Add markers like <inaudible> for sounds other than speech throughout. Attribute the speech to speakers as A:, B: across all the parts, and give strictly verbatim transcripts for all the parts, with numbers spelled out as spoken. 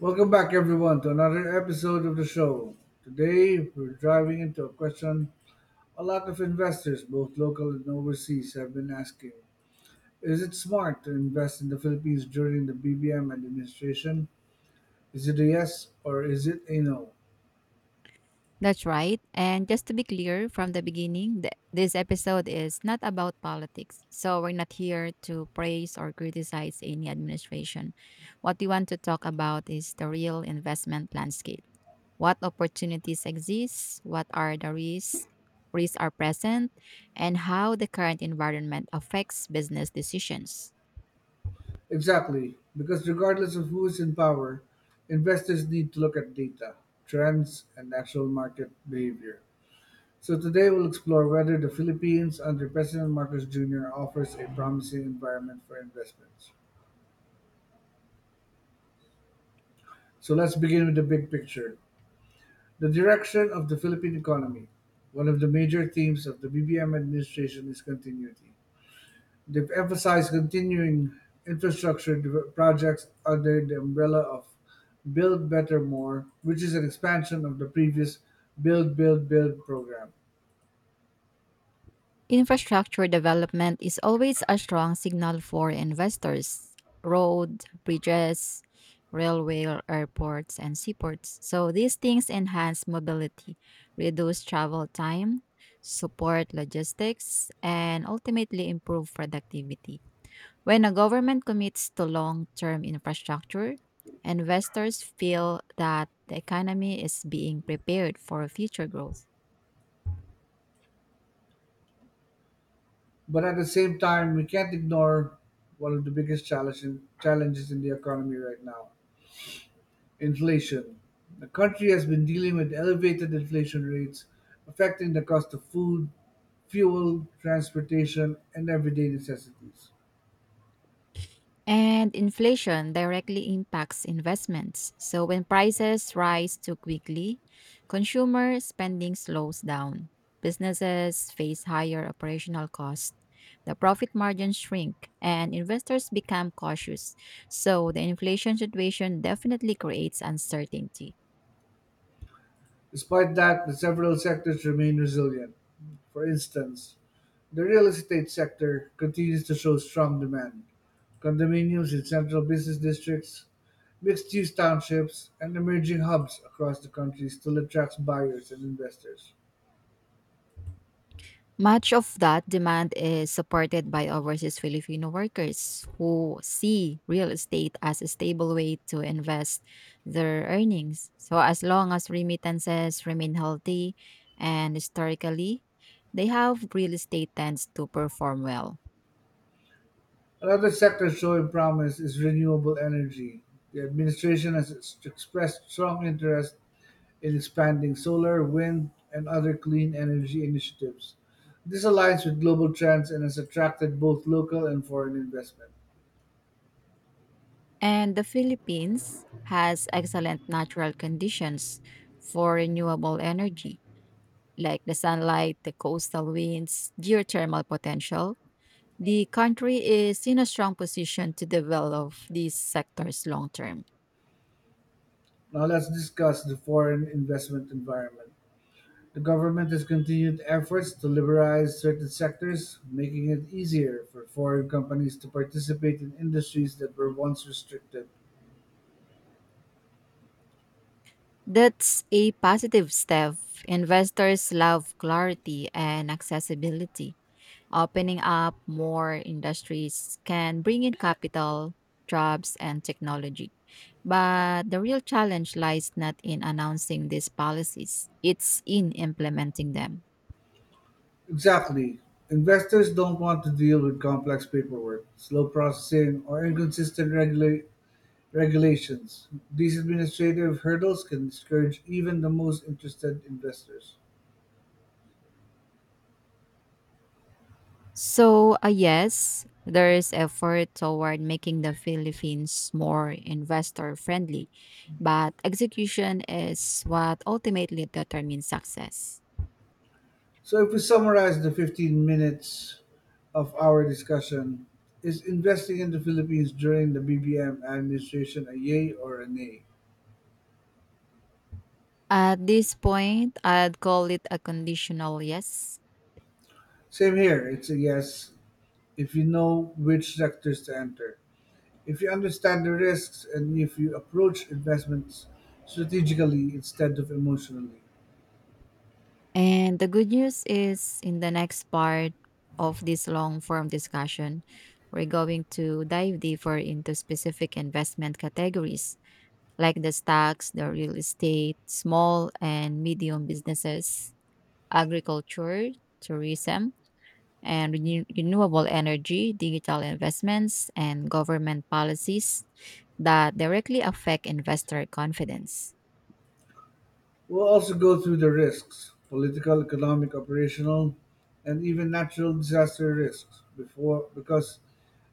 A: Welcome back, everyone, to another episode of the show. Today, we're driving into a question a lot of investors, both local and overseas, have been asking. Is it smart to invest in the Philippines during the B B M administration? Is it a yes or is it a no?
B: That's right. And just to be clear from the beginning, th- this episode is not about politics. So we're not here to praise or criticize any administration. What we want to talk about is the real investment landscape. What opportunities exist? What are the risks? Risks are present, and how the current environment affects business decisions.
A: Exactly, because regardless of who is in power, investors need to look at data, trends, and actual market behavior. So today we'll explore whether the Philippines under President Marcos Junior offers a promising environment for investments. So let's begin with the big picture. The direction of the Philippine economy. One of the major themes of the B B M administration is continuity. They've emphasized continuing infrastructure dev- projects under the umbrella of Build Better More, which is an expansion of the previous Build, Build, Build program.
B: Infrastructure development is always a strong signal for investors road, bridges, railway, airports, and seaports. So these things enhance mobility, reduce travel time, support logistics, and ultimately improve productivity. When a government commits to long term infrastructure, investors feel that the economy is being prepared for future growth.
A: But at the same time, we can't ignore one of the biggest challenge in, challenges in the economy right now, inflation. The country has been dealing with elevated inflation rates affecting the cost of food, fuel, transportation, and everyday necessities.
B: And inflation directly impacts investments. So when prices rise too quickly, consumer spending slows down. Businesses face higher operational costs. The profit margins shrink and investors become cautious. So the inflation situation definitely creates uncertainty.
A: Despite that, the several sectors remain resilient. For instance, the real estate sector continues to show strong demand. Condominiums in central business districts, mixed-use townships and emerging hubs across the country still attracts buyers and investors.
B: Much of that demand is supported by overseas Filipino workers who see real estate as a stable way to invest their earnings. So, as long as remittances remain healthy and historically, they have real estate tends to perform well.
A: Another sector showing promise is renewable energy. The administration has ex- expressed strong interest in expanding solar, wind, and other clean energy initiatives. This aligns with global trends and has attracted both local and foreign investment.
B: And the Philippines has excellent natural conditions for renewable energy, like the sunlight, the coastal winds, geothermal potential the country is in a strong position to develop these sectors long term.
A: Now let's discuss the foreign investment environment. The government has continued efforts to liberalize certain sectors, making it easier for foreign companies to participate in industries that were once restricted.
B: That's a positive step. Investors love clarity and accessibility. Opening up more industries can bring in capital, jobs, and technology. But the real challenge lies not in announcing these policies, it's in implementing them.
A: Exactly. Investors don't want to deal with complex paperwork, slow processing, or inconsistent regula- regulations. These administrative hurdles can discourage even the most interested investors.
B: So, uh, yes, there is effort toward making the Philippines more investor friendly, but execution is what ultimately determines success.
A: So, if we summarize the fifteen minutes of our discussion, is investing in the Philippines during the B B M administration a yay or a nay?
B: At this point, I'd call it a conditional yes.
A: Same here, it's a yes if you know which sectors to enter. If you understand the risks and if you approach investments strategically instead of emotionally.
B: And the good news is in the next part of this long form discussion, we're going to dive deeper into specific investment categories like the stocks, the real estate, small and medium businesses, agriculture, tourism, and renew- renewable energy, digital investments, and government policies that directly affect investor confidence.
A: We'll also go through the risks: political, economic, operational, and even natural disaster risks, before because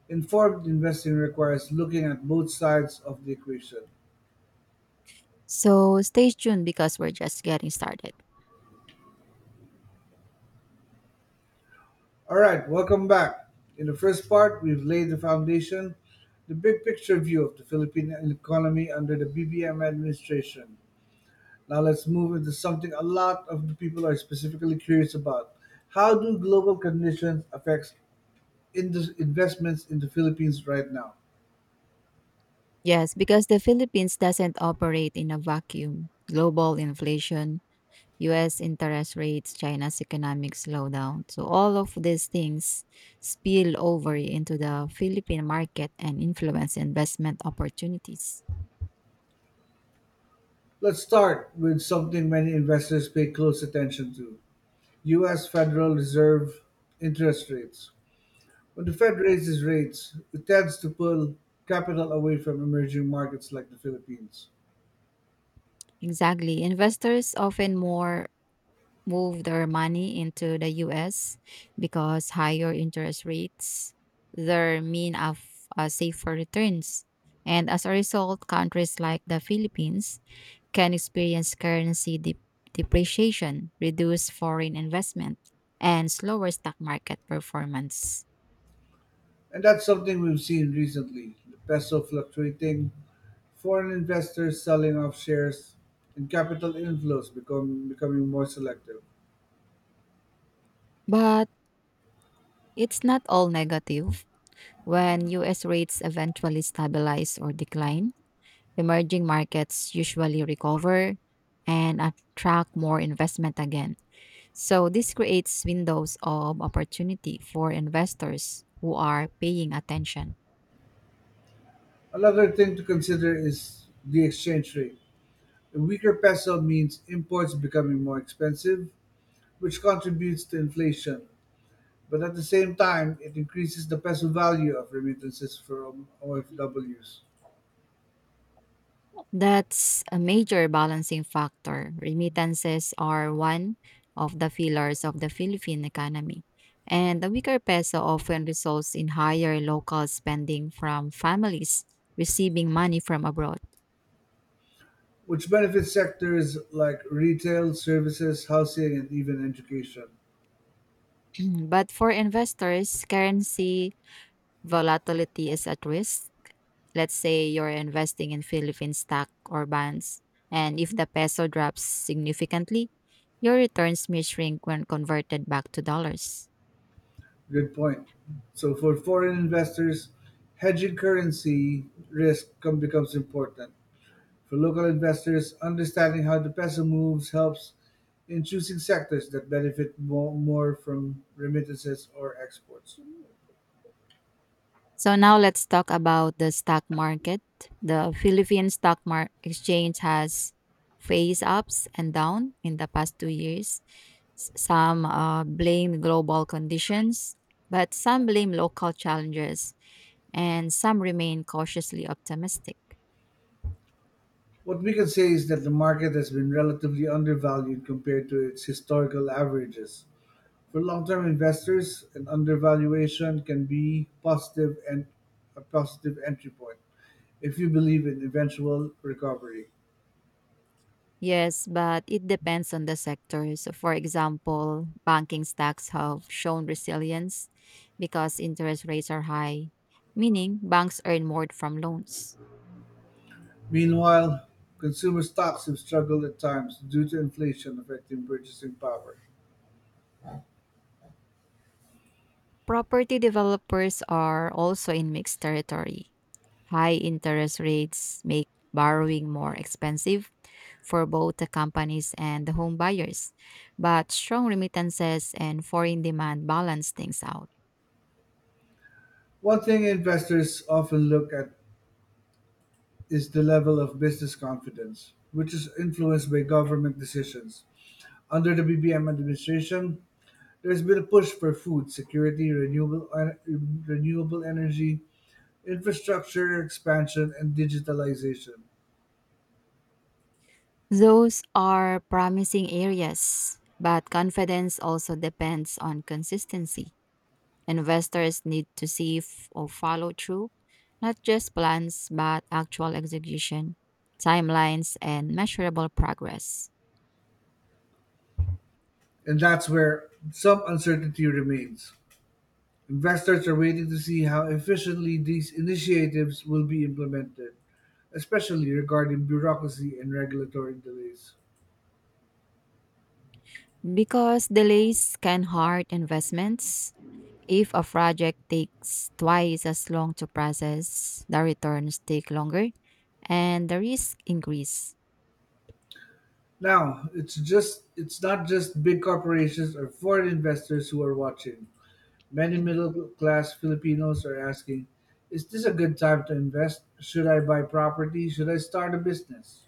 A: informed investing requires looking at both sides of the equation.
B: So stay tuned because we're just getting started.
A: All right, welcome back. In the first part, we've laid the foundation, the big picture view of the Philippine economy under the B B M administration. Now let's move into something a lot of the people are specifically curious about. How do global conditions affect indus- investments in the Philippines right now?
B: Yes, because the Philippines doesn't operate in a vacuum. Global inflation, U S interest rates, China's economic slowdown. So all of these things spill over into the Philippine market and influence investment opportunities.
A: Let's start with something many investors pay close attention to: U S Federal Reserve interest rates. When the Fed raises rates, it tends to pull capital away from emerging markets like the Philippines.
B: Exactly. Investors often more move their money into the U S because higher interest rates their mean of uh, safer returns. And as a result, countries like the Philippines can experience currency dep- depreciation, reduced foreign investment, and slower stock market performance.
A: And that's something we've seen recently: the peso fluctuating, foreign investors selling off shares, and capital inflows become, becoming more selective.
B: But it's not all negative. When U S rates eventually stabilize or decline, emerging markets usually recover and attract more investment again. So this creates windows of opportunity for investors who are paying attention.
A: Another thing to consider is the exchange rate. A weaker peso means imports becoming more expensive, which contributes to inflation. But at the same time, it increases the peso value of remittances from O F Ws,
B: That's a major balancing factor. Remittances are one of the pillars of the Philippine economy, and the weaker peso often results in higher local spending from families receiving money from abroad.
A: which benefits sectors like retail, services, housing, and even education.
B: <clears throat> But for investors, currency volatility is at risk. Let's say you're investing in Philippine stock or bonds, and if the peso drops significantly, your returns may shrink when converted back to dollars.
A: Good point. So for foreign investors, hedging currency risk com- becomes important. For local investors, understanding how the peso moves helps in choosing sectors that benefit mo- more from remittances or exports.
B: So now let's talk about the stock market. The Philippine stock mar- exchange has faced ups and downs in the past two years. S- Some uh, blame global conditions, but some blame local challenges, and some remain cautiously optimistic.
A: What we can say is that the market has been relatively undervalued compared to its historical averages. For long-term investors, an undervaluation can be positive and a positive entry point if you believe in eventual recovery.
B: Yes, but it depends on the sector. So, for example, banking stocks have shown resilience because interest rates are high, meaning banks earn more from loans.
A: Meanwhile, consumer stocks have struggled at times due to inflation affecting purchasing power.
B: Property developers are also in mixed territory. High interest rates make borrowing more expensive for both the companies and the home buyers, but strong remittances and foreign demand balance things out.
A: One thing investors often look at is the level of business confidence, which is influenced by government decisions. Under the B B M administration, there's been a push for food security, renewable en- renewable energy, infrastructure expansion and digitalization.
B: Those are promising areas, but confidence also depends on consistency. Investors need to see f- or follow through, not just plans, but actual execution, timelines, and measurable progress.
A: And that's where some uncertainty remains. Investors are waiting to see how efficiently these initiatives will be implemented, especially regarding bureaucracy and regulatory delays.
B: Because delays can hurt investments. If a project takes twice as long to process, the returns take longer and the risk increase.
A: Now, it's just it's not just big corporations or foreign investors who are watching. Many middle-class Filipinos are asking, is this a good time to invest? Should I buy property? Should I start a business?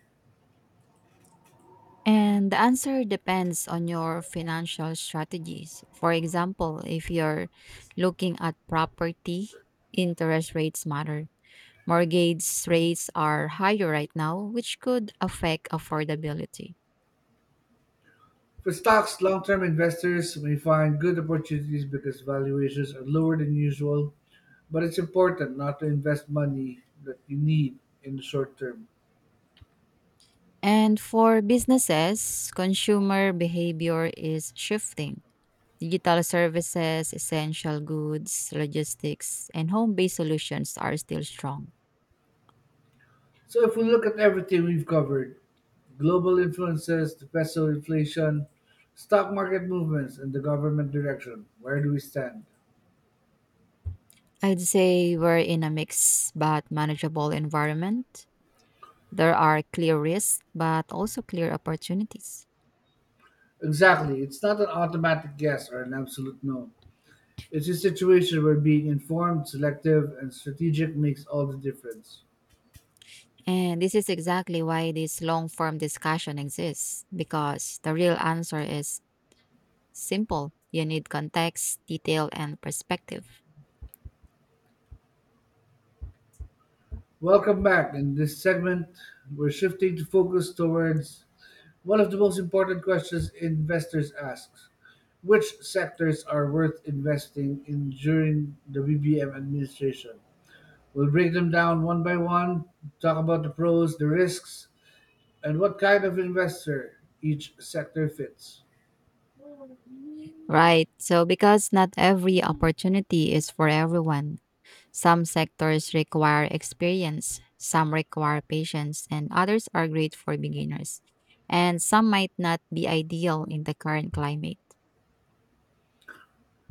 B: And the answer depends on your financial strategies. For example, if you're looking at property, interest rates matter. Mortgage rates are higher right now, which could affect affordability.
A: For stocks, long-term investors may find good opportunities because valuations are lower than usual, but it's important not to invest money that you need in the short term.
B: And for businesses, consumer behavior is shifting. Digital services, essential goods, logistics, and home based solutions are still strong.
A: So if we look at everything we've covered: global influences, the peso, inflation, stock market movements, and the government direction, where do we stand?
B: I'd say we're in a mixed but manageable environment. There are clear risks, but also clear opportunities.
A: Exactly. It's not an automatic yes or an absolute no. It's a situation where being informed, selective, and strategic makes all the difference.
B: And this is exactly why this long form discussion exists, because the real answer is simple. You need context, detail, and perspective.
A: Welcome back. In this segment, we're shifting to focus towards one of the most important questions investors ask: which sectors are worth investing in during the B B M administration? We'll break them down one by one, talk about the pros, the risks, and what kind of investor each sector fits.
B: Right. So, because not every opportunity is for everyone, some sectors require experience, some require patience, and others are great for beginners. And some might not be ideal in the current climate.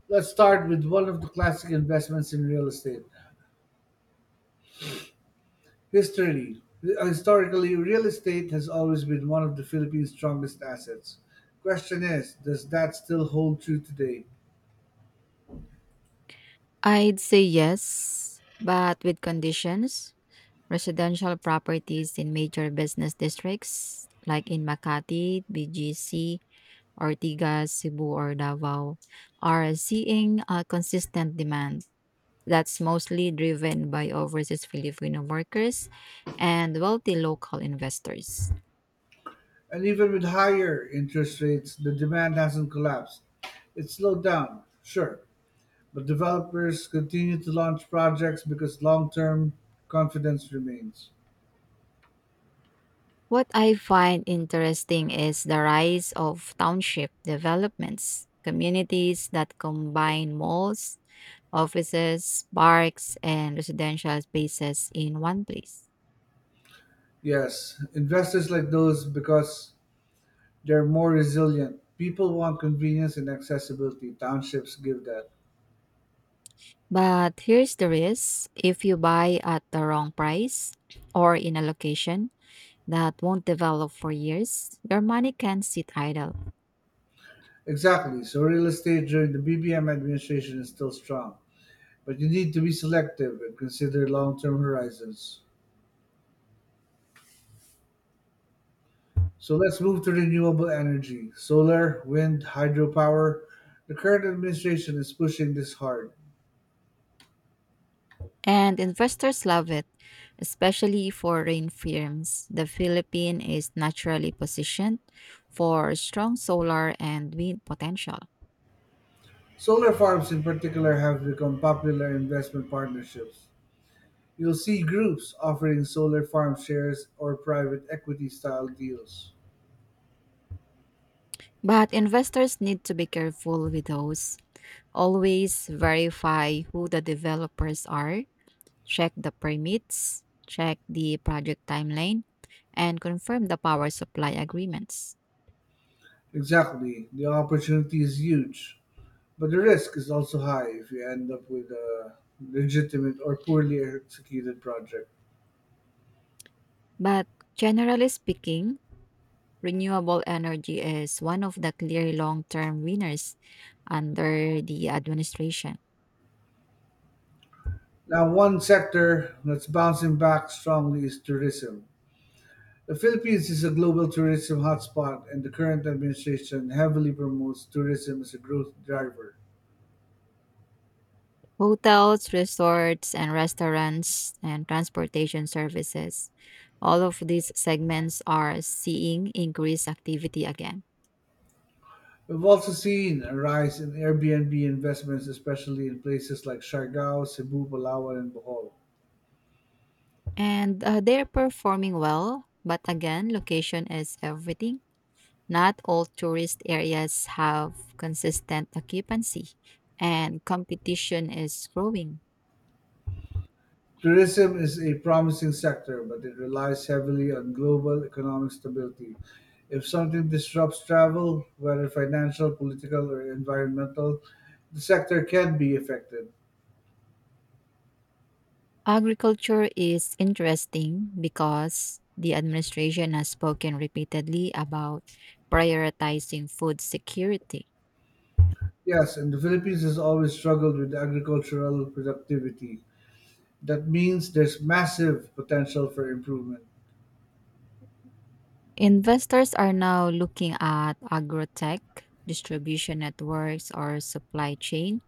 A: Let's start with one of the classic investments in real estate. History Historically, real estate has always been one of the Philippines' strongest assets. Question is, does that still hold true today?
B: I'd say yes, but with conditions. Residential properties in major business districts like in Makati, B G C, Ortigas, Cebu, or Davao are seeing a consistent demand that's mostly driven by overseas Filipino workers and wealthy local investors.
A: And even with higher interest rates, the demand hasn't collapsed. It slowed down, sure, but developers continue to launch projects because long term confidence remains.
B: What I find interesting is the rise of township developments, communities that combine malls, offices, parks, and residential spaces in one place.
A: Yes, investors like those because they're more resilient. People want convenience and accessibility. Townships give that.
B: But here's the risk if you buy at the wrong price or in a location that won't develop for years, your money can sit idle.
A: Exactly. So real estate during the B B M administration is still strong, but you need to be selective and consider long-term horizons. So let's move to renewable energy: solar, wind, hydropower. The current administration is pushing this hard.
B: And investors love it, especially foreign firms. The Philippines is naturally positioned for strong solar and wind potential.
A: Solar farms in particular have become popular investment partnerships. You'll see groups offering solar farm shares or private equity style deals.
B: But investors need to be careful with those. Always verify who the developers are, check the permits, check the project timeline, and confirm the power supply agreements.
A: Exactly. The opportunity is huge. But the risk is also high if you end up with a legitimate or poorly executed project.
B: But generally speaking, renewable energy is one of the clear long term winners under the administration.
A: Now, one sector that's bouncing back strongly is tourism. The Philippines is a global tourism hotspot, and the current administration heavily promotes tourism as a growth driver.
B: Hotels, resorts, and restaurants, and transportation services. All of these segments are seeing increased activity again.
A: We've also seen a rise in Airbnb investments, especially in places like Siargao, Cebu, Palawan, and Bohol.
B: And uh, they're performing well, but again, location is everything. Not all tourist areas have consistent occupancy, and competition is growing.
A: Tourism is a promising sector, but it relies heavily on global economic stability. If something disrupts travel, whether financial, political, or environmental, the sector can be affected.
B: Agriculture is interesting because the administration has spoken repeatedly about prioritizing food security.
A: Yes, and the Philippines has always struggled with agricultural productivity. That means there's massive potential for improvement.
B: Investors are now looking at agrotech, distribution networks or supply chain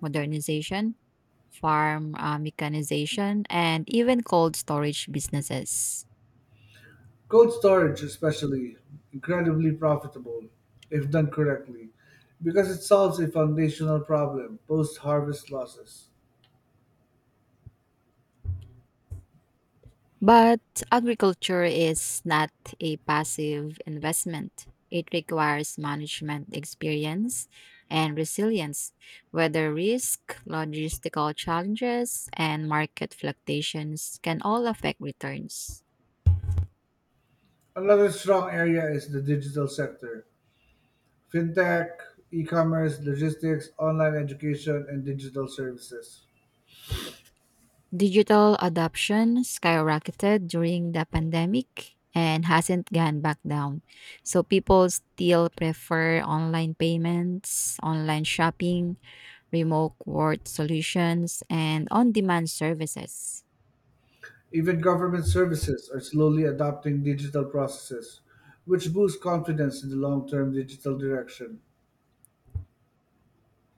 B: modernization, farm uh, mechanization, and even cold storage businesses.
A: Cold storage, especially, incredibly profitable if done correctly, because it solves a foundational problem: post harvest losses.
B: But agriculture is not a passive investment. It requires management experience and resilience, whether risk, logistical challenges, and market fluctuations can all affect returns.
A: Another strong area is the digital sector. Fintech, e-commerce, logistics, online education, and digital services.
B: Digital adoption skyrocketed during the pandemic and hasn't gone back down. So people still prefer online payments, online shopping, remote work solutions, and on demand services.
A: Even government services are slowly adopting digital processes, which boosts confidence in the long-term digital direction.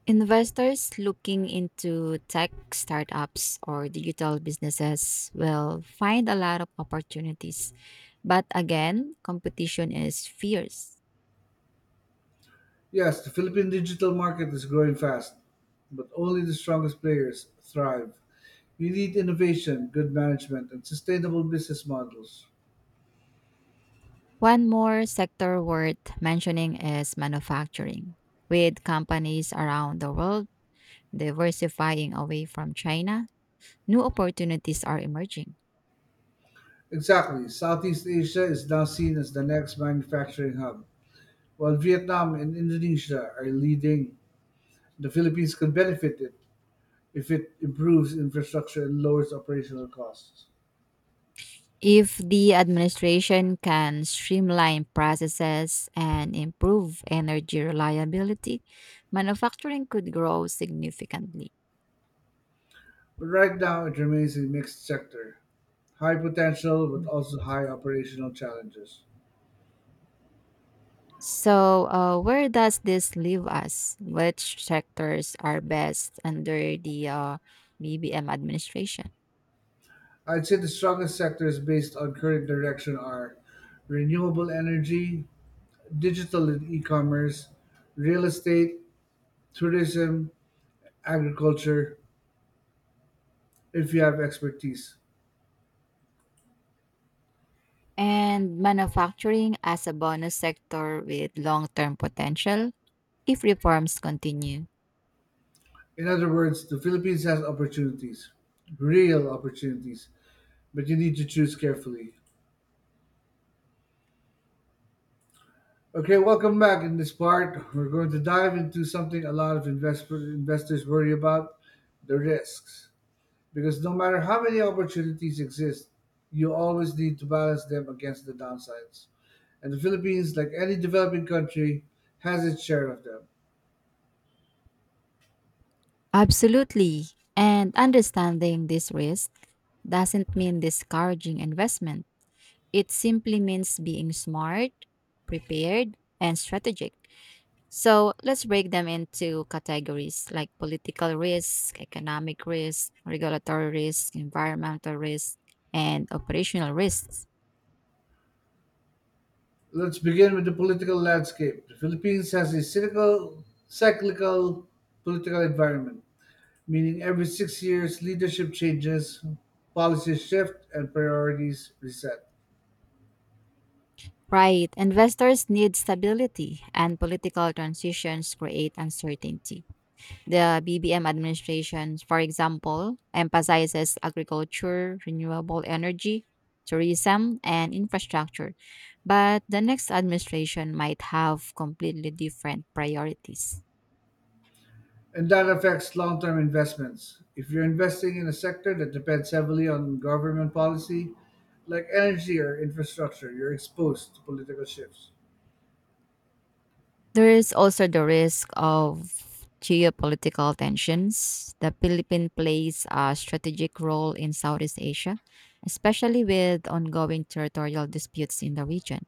B: Investors looking into tech startups or digital businesses will find a lot of opportunities. But again, competition is fierce.
A: Yes, the Philippine digital market is growing fast, but only the strongest players thrive. We need innovation, good management, and sustainable business models.
B: One more sector worth mentioning is manufacturing, with companies around the world diversifying away from China. New opportunities are emerging.
A: Exactly. Southeast Asia is now seen as the next manufacturing hub, while Vietnam and Indonesia are leading. The Philippines could benefit it if it improves infrastructure and lowers operational costs.
B: If the administration can streamline processes and improve energy reliability, manufacturing could grow significantly.
A: But right now, it remains a mixed sector. High potential, but also high operational challenges.
B: So, uh, where does this leave us? Which sectors are best under the uh, B B M administration?
A: I'd say the strongest sectors based on current direction are renewable energy, digital and e commerce, real estate, tourism, agriculture, if you have expertise.
B: And manufacturing as a bonus sector with long term potential if reforms continue?
A: In other words, the Philippines has opportunities, real opportunities, but you need to choose carefully. Okay, welcome back. In this part, we're going to dive into something a lot of invest- investors worry about: the risks. Because no matter how many opportunities exist, you always need to balance them against the downsides. And the Philippines, like any developing country, has its share of them.
B: Absolutely. And understanding this risk doesn't mean discouraging investment. It simply means being smart, prepared, and strategic. So let's break them into categories like political risk, economic risk, regulatory risk, environmental risk, and operational risks.
A: Let's begin with the political landscape. The Philippines has a cynical, cyclical political environment, meaning every six years leadership changes, policies shift, and priorities reset.
B: Right, investors need stability, and political transitions create uncertainty. The B B M administration, for example, emphasizes agriculture, renewable energy, tourism, and infrastructure, but the next administration might have completely different priorities.
A: And that affects long term investments. If you're investing in a sector that depends heavily on government policy, like energy or infrastructure, you're exposed to political shifts.
B: There is also the risk of geopolitical tensions. The Philippines plays a strategic role in Southeast Asia, especially with ongoing territorial disputes in the region.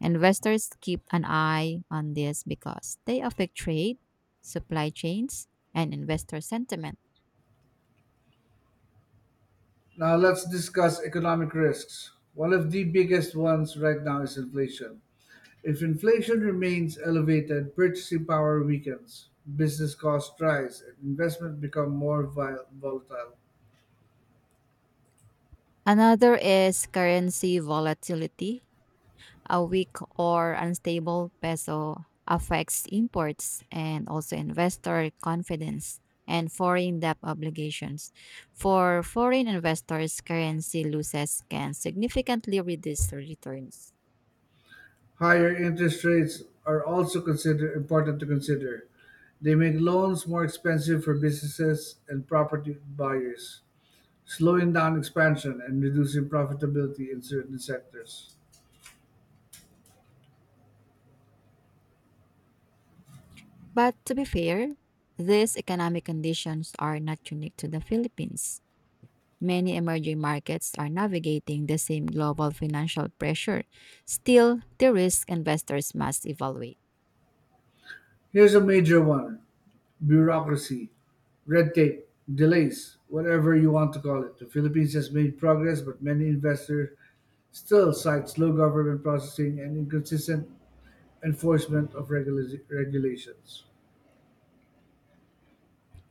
B: Investors keep an eye on this because they affect trade, supply chains, and investor sentiment.
A: Now, let's discuss economic risks. One of the biggest ones right now is inflation. If inflation remains elevated, purchasing power weakens, business costs rise, and investment become more vi- volatile.
B: Another is currency volatility. A weak or unstable peso affects imports and also investor confidence and foreign debt obligations. For foreign investors, currency losses can significantly reduce returns.
A: Higher interest rates are also consider important to consider. They make loans more expensive for businesses and property buyers, slowing down expansion and reducing profitability in certain sectors.
B: But to be fair, these economic conditions are not unique to the Philippines. Many emerging markets are navigating the same global financial pressure. Still, the risk investors must evaluate.
A: Here's a major one: bureaucracy, red tape, delays, whatever you want to call it. The Philippines has made progress, but many investors still cite slow government processing and inconsistent enforcement of regula- regulations.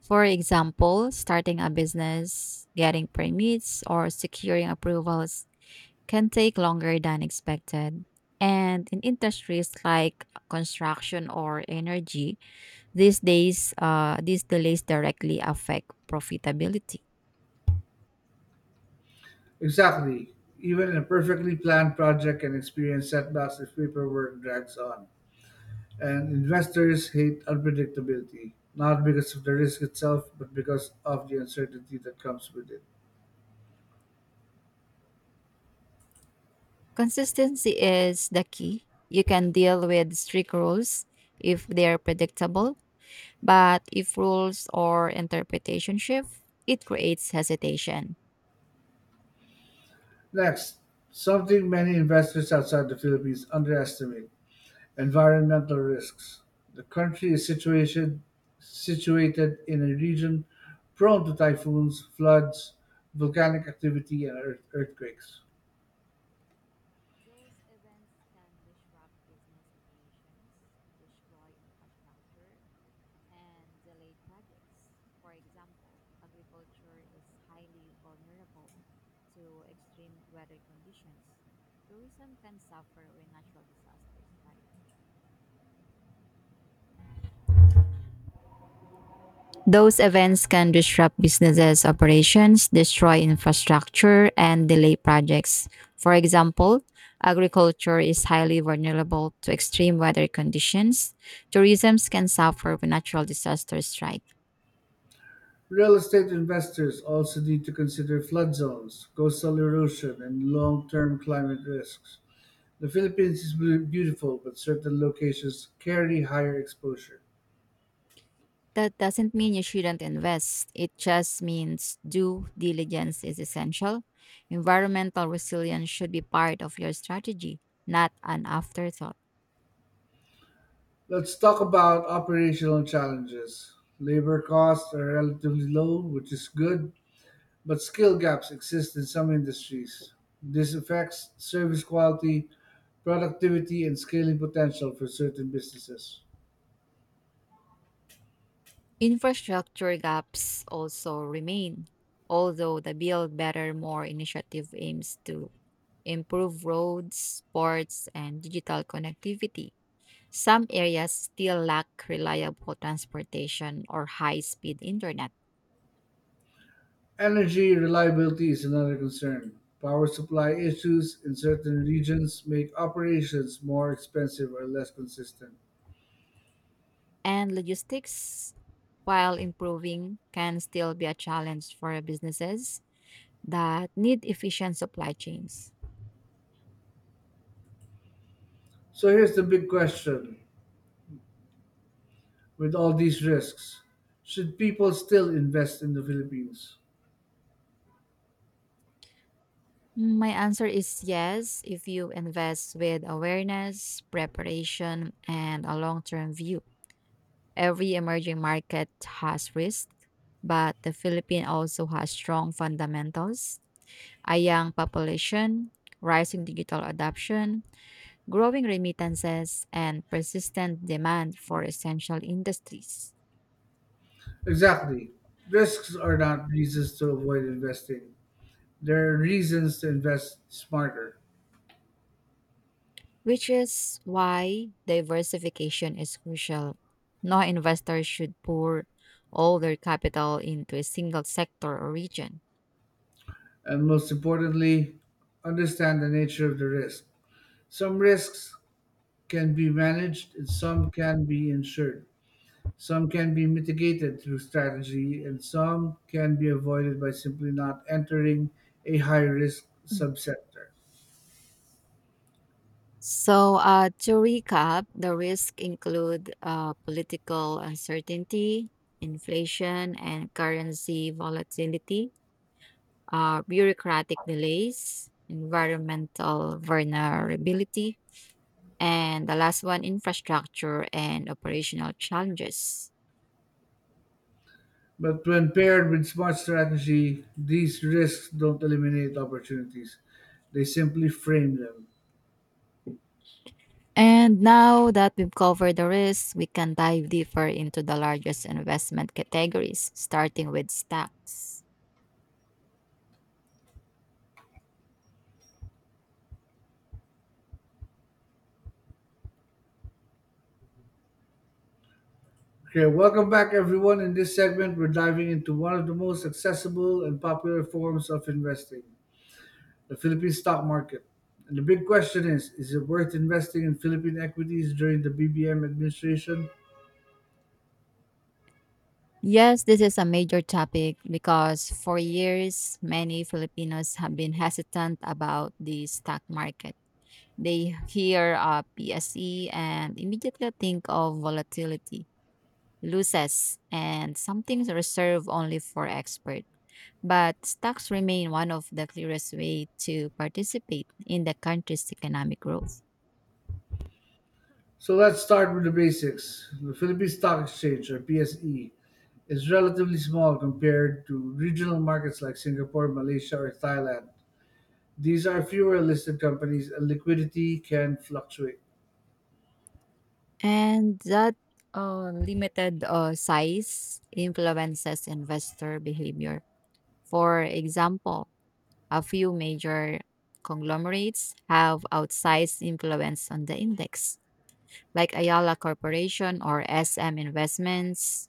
B: For example, starting a business, getting permits, or securing approvals can take longer than expected. And in industries like construction or energy, these days, uh, these delays directly affect profitability.
A: Exactly. Even a perfectly planned project can experience setbacks if paperwork drags on. And investors hate unpredictability, not because of the risk itself, but because of the uncertainty that comes with it.
B: Consistency is the key. You can deal with strict rules if they're predictable, but if rules or interpretation shift, it creates hesitation.
A: Next, something many investors outside the Philippines underestimate: environmental risks. The country is situated, situated in a region prone to typhoons, floods, volcanic activity, and earth, earthquakes.
B: Those events can disrupt business operations, destroy infrastructure, and delay projects. For example, agriculture is highly vulnerable to extreme weather conditions. Tourism can suffer when natural disasters strike. Those events can disrupt businesses' operations, destroy infrastructure, and delay projects. For example, agriculture is highly vulnerable to extreme weather conditions. Tourism can suffer when natural disasters strike.
A: Real estate investors also need to consider flood zones, coastal erosion, and long-term climate risks. The Philippines is beau- beautiful, but certain locations carry higher exposure.
B: That doesn't mean you shouldn't invest. It just means due diligence is essential. Environmental resilience should be part of your strategy, not an afterthought.
A: Let's talk about operational challenges. Labor costs are relatively low, which is good, but skill gaps exist in some industries. This affects service quality, productivity, and scaling potential for certain businesses.
B: Infrastructure gaps also remain, although the Build Better More initiative aims to improve roads, ports, and digital connectivity. Some areas still lack reliable transportation or high speed internet,
A: Energy reliability is another concern. Power supply issues in certain regions make operations more expensive or less consistent.
B: and logistics, while improving, can still be a challenge for businesses that need efficient supply chains.
A: So here's the big question, with all these risks, should people still invest in the Philippines?
B: Mm, My answer is yes, if you invest with awareness, preparation, and a long term view. Every emerging market has risk, but the Philippines also has strong fundamentals a young population, rising digital adoption, growing remittances, and persistent demand for essential industries.
A: Exactly. Risks are not reasons to avoid investing, there are reasons to invest smarter.
B: Which is why diversification is crucial. No investor should pour all their capital into a single sector or region.
A: And most importantly, understand the nature of the risk. Some risks can be managed and some can be insured. Some can be mitigated through strategy, and some can be avoided by simply not entering a high risk
B: Mm.
A: subsector.
B: So, uh, to recap, the risks include uh, political uncertainty, inflation and currency volatility, uh, bureaucratic delays, environmental vulnerability, and the last one, infrastructure and operational challenges.
A: But when paired with smart strategy, these risks don't eliminate opportunities, they simply frame them.
B: And now that we've covered the risks, we can dive deeper into the largest investment categories, starting with stocks.
A: Okay, welcome back, everyone. In this segment, we're diving into one of the most accessible and popular forms of investing, the Philippine stock market. And the big question is is it worth investing in Philippine equities during the B B M administration?
B: Yes, this is a major topic because for years, many Filipinos have been hesitant about the stock market. They hear uh, P S E and immediately think of volatility, losses, and something reserved only for experts, but stocks remain one of the clearest way to participate in the country's economic growth.
A: So let's start with the basics. The Philippine Stock Exchange, or P S E, is relatively small compared to regional markets like Singapore, Malaysia, or Thailand. These are fewer listed companies and liquidity can fluctuate.
B: And that uh, limited uh, size influences investor behavior. For example, a few major conglomerates have outsized influence on the index, like Ayala Corporation or S M Investments,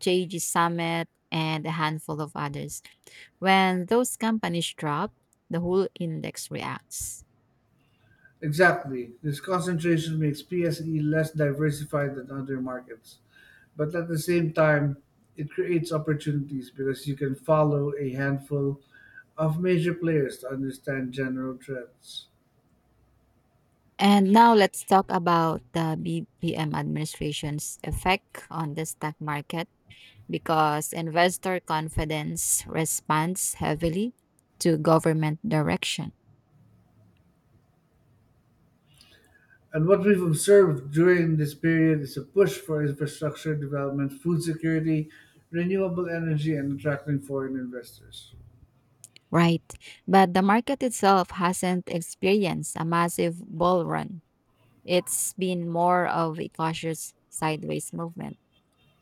B: J G Summit, and a handful of others. When those companies drop, the whole index reacts.
A: Exactly. This concentration makes P S E less diversified than other markets. But at the same time, it creates opportunities because you can follow a handful of major players to understand general trends.
B: And now let's talk about the B P M administration's effect on the stock market because investor confidence responds heavily to government direction,
A: And what we've observed during this period is a push for infrastructure development, food security, renewable energy, and attracting foreign investors,
B: right? But the market itself hasn't experienced a massive bull run. It's been more of a cautious sideways movement,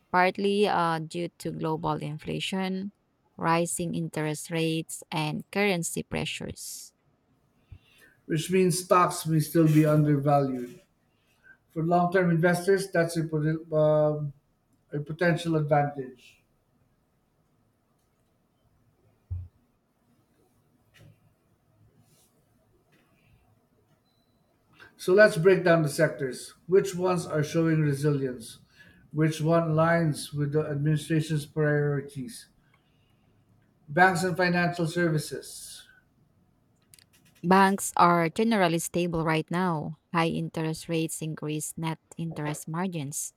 B: partly uh, due to global inflation, rising interest rates, and currency pressures.
A: which means stocks may still be undervalued. For long term investors, that's a, poten- um a potential advantage. So let's break down the sectors. Which ones are showing resilience? Which one aligns with the administration's priorities? Banks and financial services.
B: Banks are generally stable right now. High interest rates increase net interest margins,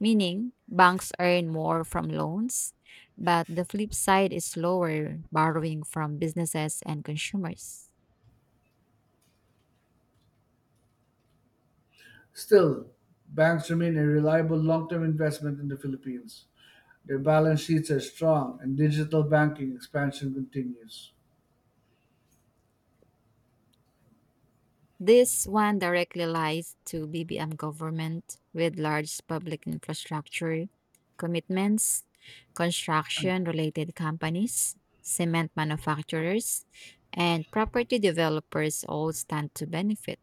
B: meaning banks earn more from loans, but the flip side is lower borrowing from businesses and consumers.
A: Still, banks remain a reliable long term investment in the Philippines. Their balance sheets are strong, and digital banking expansion continues.
B: This one directly lies to B B M government with large public infrastructure commitments, construction related companies, cement manufacturers, and property developers all stand to benefit.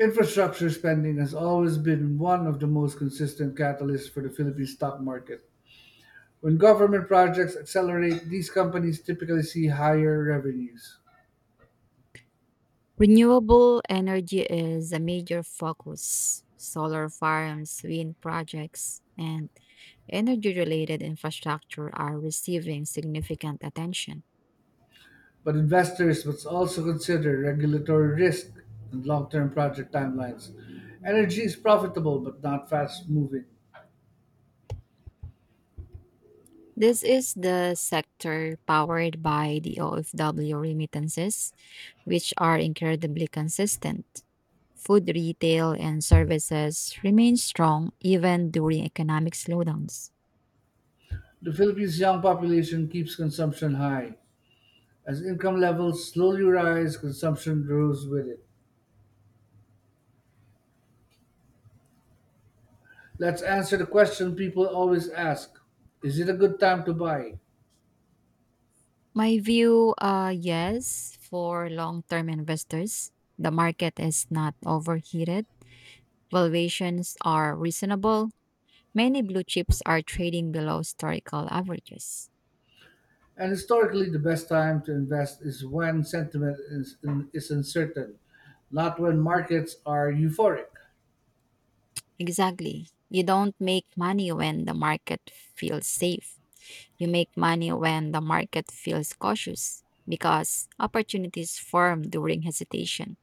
A: Infrastructure spending has always been one of the most consistent catalysts for the Philippine stock market. When government projects accelerate, these companies typically see higher revenues.
B: Renewable energy is a major focus. Solar farms, wind projects, and energy related infrastructure are receiving significant attention.
A: But investors must also consider regulatory risk and long term project timelines. Energy is profitable but not fast moving.
B: This is the sector powered by the O F W remittances, which are incredibly consistent. Food retail and services remain strong even during economic slowdowns.
A: The Philippines' young population keeps consumption high. As income levels slowly rise, consumption grows with it. Let's answer the question people always ask, is it a good time to buy?
B: My view, uh, yes, for long term investors, the market is not overheated, valuations are reasonable, many blue chips are trading below historical averages.
A: And historically, the best time to invest is when sentiment is, is uncertain, not when markets are euphoric.
B: Exactly. You don't make money when the market feels safe. You make money when the market feels cautious because opportunities form during hesitation,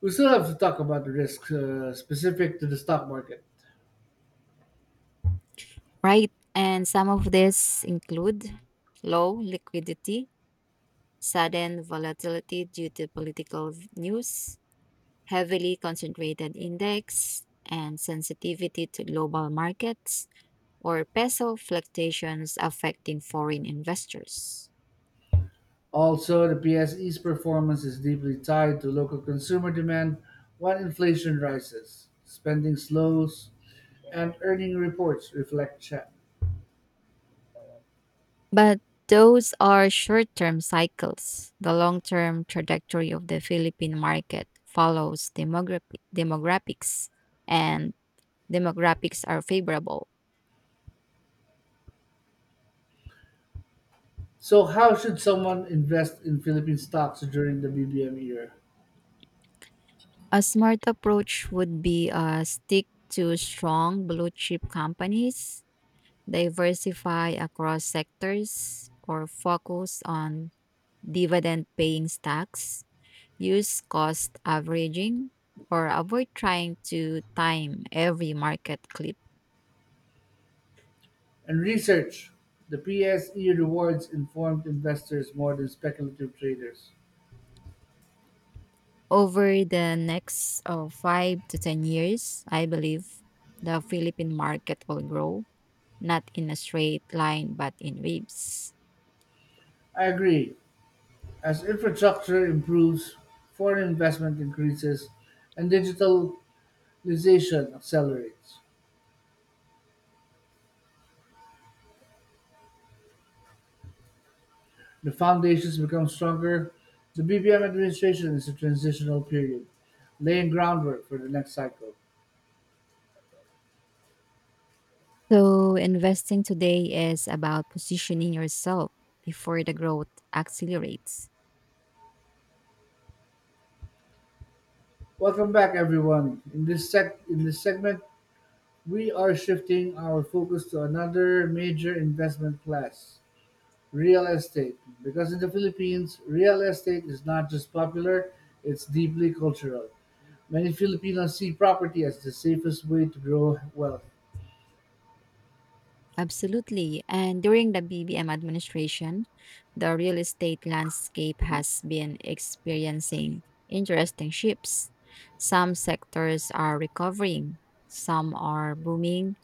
A: We still have to talk about the risks uh, specific to the stock market.
B: right? And some of these include low liquidity, sudden volatility due to political news, heavily concentrated index, and sensitivity to global markets or peso fluctuations affecting foreign investors.
A: Also, the PSE's performance is deeply tied to local consumer demand. When inflation rises, spending slows, and earning reports reflect that.
B: But those are short term cycles. The long term trajectory of the Philippine market follows demographi- demographics, and demographics are favorable.
A: So, how should someone invest in Philippine stocks during the B B M era?
B: A smart approach would be uh, stick to strong blue chip companies, diversify across sectors, or focus on dividend paying stocks, use cost averaging, or avoid trying to time every market clip.
A: And research. The P S E rewards informed investors more than speculative traders.
B: Over the next uh, five to ten years, I believe the Philippine market will grow, not in a straight line, but in waves.
A: I agree. As infrastructure improves, foreign investment increases, and digitalization accelerates. The foundations become stronger. The B B M administration is a transitional period, laying groundwork for the next cycle.
B: So, investing today is about positioning yourself before the growth accelerates.
A: Welcome back, everyone. In this sec- in this segment, we are shifting our focus to another major investment class, real estate. Because in the Philippines, real estate is not just popular; it's deeply cultural. Many Filipinos see property as the safest way to grow wealth.
B: Absolutely. And during the B B M administration, the real estate landscape has been experiencing interesting shifts. Some sectors are recovering, some are booming,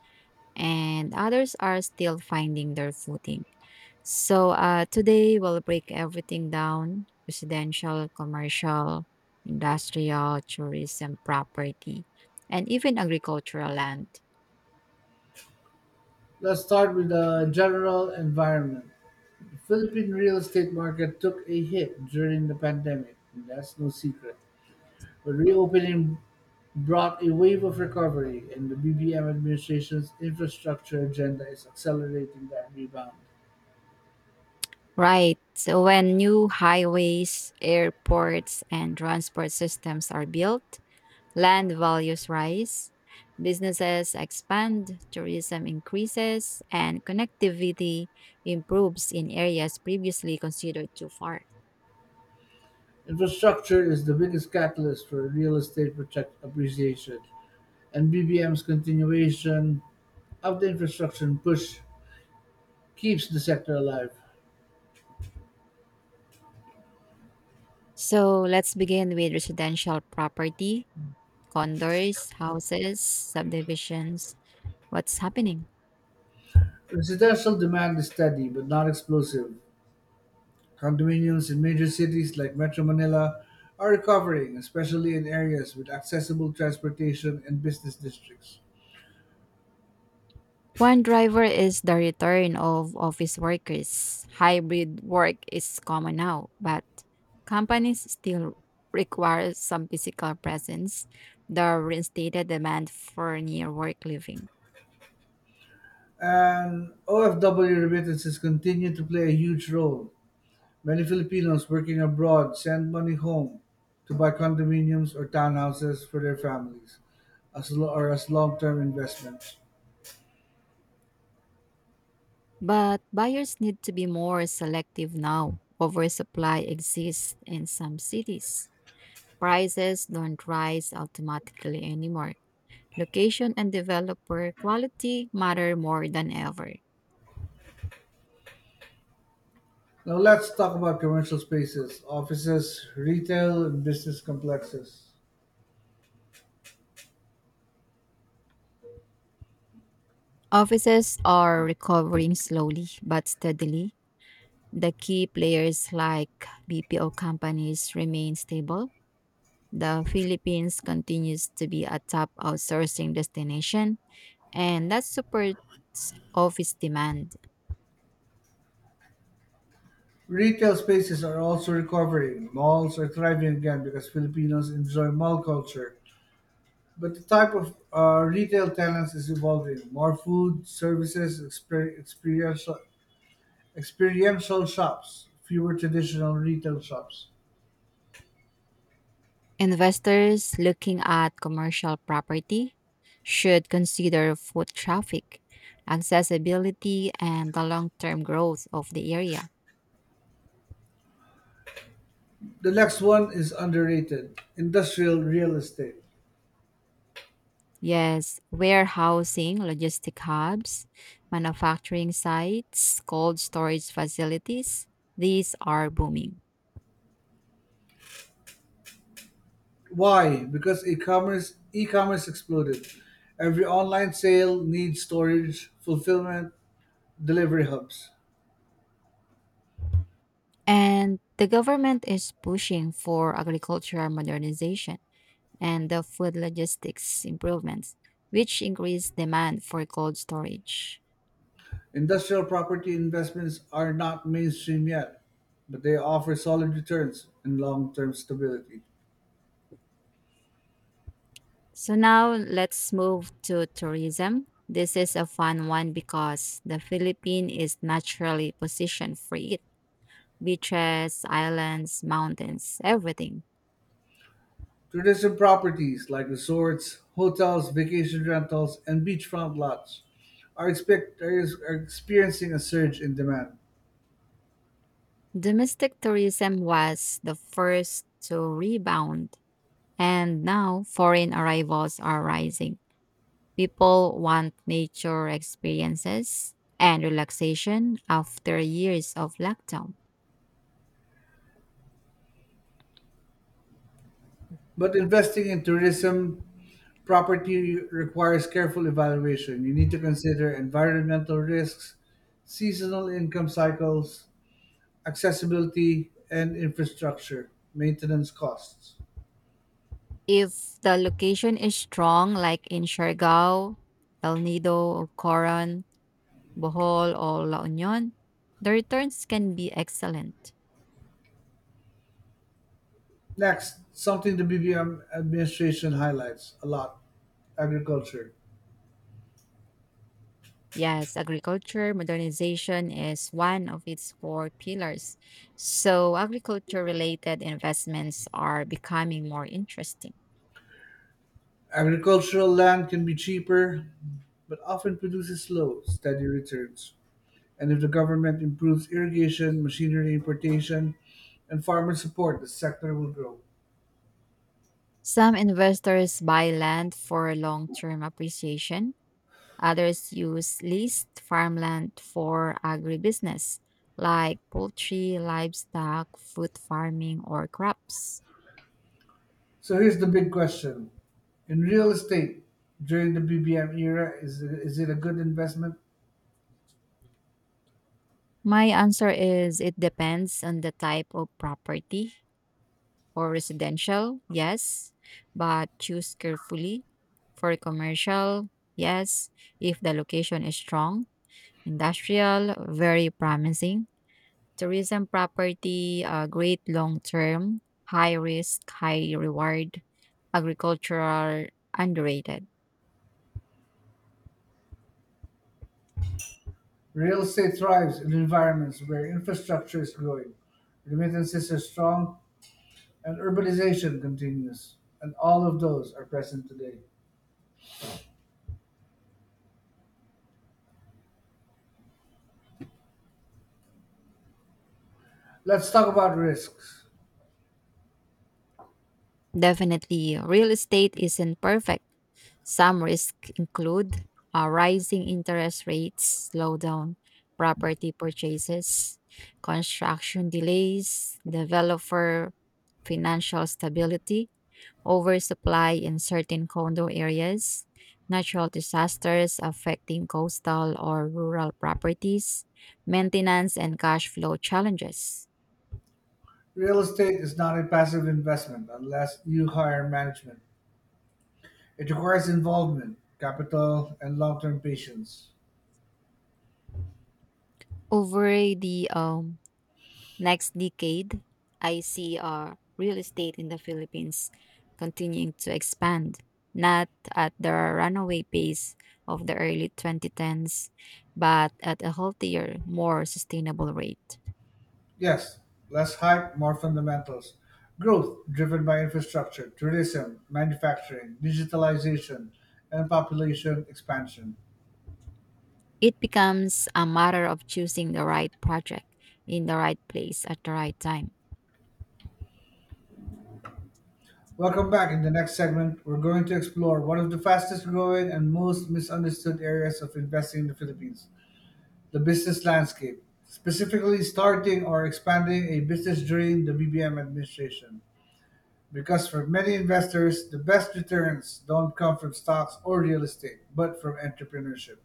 B: and others are still finding their footing. So uh, today we'll break everything down residential, commercial, industrial, tourism, property, and even agricultural land.
A: Let's start with the general environment. Philippine real estate market took a hit during the pandemic, and that's no secret, but reopening brought a wave of recovery, and the B B M administration's infrastructure agenda is accelerating that rebound.
B: Right. So when new highways, airports, and transport systems are built, land values rise, businesses expand, tourism increases, and connectivity improves in areas previously considered too far.
A: Infrastructure is the biggest catalyst for real estate project appreciation, and BBM's continuation of the infrastructure push keeps the sector alive.
B: So let's begin with residential property, condos, houses, subdivisions. What's happening?
A: Residential demand is steady but not explosive. Condominiums in major cities like Metro Manila are recovering, especially in areas with accessible transportation and business districts.
B: One driver is the return of office workers. Hybrid work is common now, but companies still require some physical presence, the reinstated demand for near work living.
A: And O F W remittances continue to play a huge role. Many Filipinos working abroad send money home to buy condominiums or townhouses for their families as lo- or as long-term investments.
B: But buyers need to be more selective now. Oversupply exists in some cities. Prices don't rise automatically anymore. Location and developer quality matter more than ever.
A: Now let's talk about commercial spaces, offices, retail, and business complexes.
B: Offices are recovering slowly but steadily. The key players like B P O companies remain stable. The Philippines continues to be a top outsourcing destination, and that supports office demand.
A: Retail spaces are also recovering. Malls are thriving again because Filipinos enjoy mall culture. But the type of uh, retail tenants is evolving. More food, services, exper- experiential, experiential shops, fewer traditional retail shops.
B: Investors looking at commercial property should consider foot traffic, accessibility, and the long term growth of the area.
A: The next one is underrated industrial real estate.
B: Yes, warehousing, logistic hubs, manufacturing sites, cold storage facilities, these are booming.
A: Why? Because e-commerce e-commerce exploded. Every online sale needs storage, fulfillment, delivery hubs.
B: And the government is pushing for agricultural modernization and the food logistics improvements, which increase demand for cold storage.
A: Industrial property investments are not mainstream yet, but they offer solid returns and long-term stability.
B: So now let's move to tourism. This is a fun one because the Philippines is naturally positioned for it beaches, islands, mountains, everything.
A: Traditional properties like resorts, hotels, vacation rentals, and beachfront lots are, expect- are is- are experiencing a surge in demand.
B: Domestic tourism was the first to rebound, and now foreign arrivals are rising. People want nature experiences and relaxation after years of lockdown.
A: But investing in tourism property requires careful evaluation. You need to consider environmental risks, seasonal income cycles, accessibility, and infrastructure maintenance costs.
B: If the location is strong, like in Siargao, El Nido, or Coron, Bohol, or La Union, the returns can be excellent.
A: Next, something the B B M administration highlights a lot, agriculture.
B: Yes, agriculture modernization is one of its core pillars. So, agriculture related investments are becoming more interesting.
A: Agricultural land can be cheaper, but often produces slow, steady returns. And if the government improves irrigation, machinery importation, and farmer support, the sector will grow.
B: Some investors buy land for long term appreciation, others use leased farmland for agribusiness, like poultry, livestock, food farming, or crops.
A: So here's the big question, in real estate during the B B M era, is it, is it a good investment?
B: My answer is it depends on the type of property or residential, yes, but choose carefully. For commercial, yes, if the location is strong. Industrial, very promising. Tourism property, uh, great long term, high risk, high reward. Agricultural, underrated.
A: Real estate thrives in environments where infrastructure is growing, remittances are strong, and urbanization continues, and all of those are present today. Let's talk about risks.
B: Definitely, real estate isn't perfect. Some risks include uh, rising interest rates, slowdown property purchases, construction delays, developer financial stability, oversupply in certain condo areas, natural disasters affecting coastal or rural properties, maintenance and cash flow challenges.
A: Real estate is not a passive investment unless you hire management. It requires involvement, capital, and long term patience.
B: Over the um, next decade, I see uh, real estate in the Philippines continuing to expand, not at the runaway pace of the early twenty tens, but at a healthier, more sustainable rate.
A: Yes, less hype, more fundamentals. Growth driven by infrastructure, tourism, manufacturing, digitalization, and population expansion.
B: It becomes a matter of choosing the right project in the right place at the right time.
A: Welcome back. In the next segment, we're going to explore one of the fastest growing and most misunderstood areas of investing in the Philippines, the business landscape, specifically starting or expanding a business during the B B M administration. Because for many investors, the best returns don't come from stocks or real estate, but from entrepreneurship.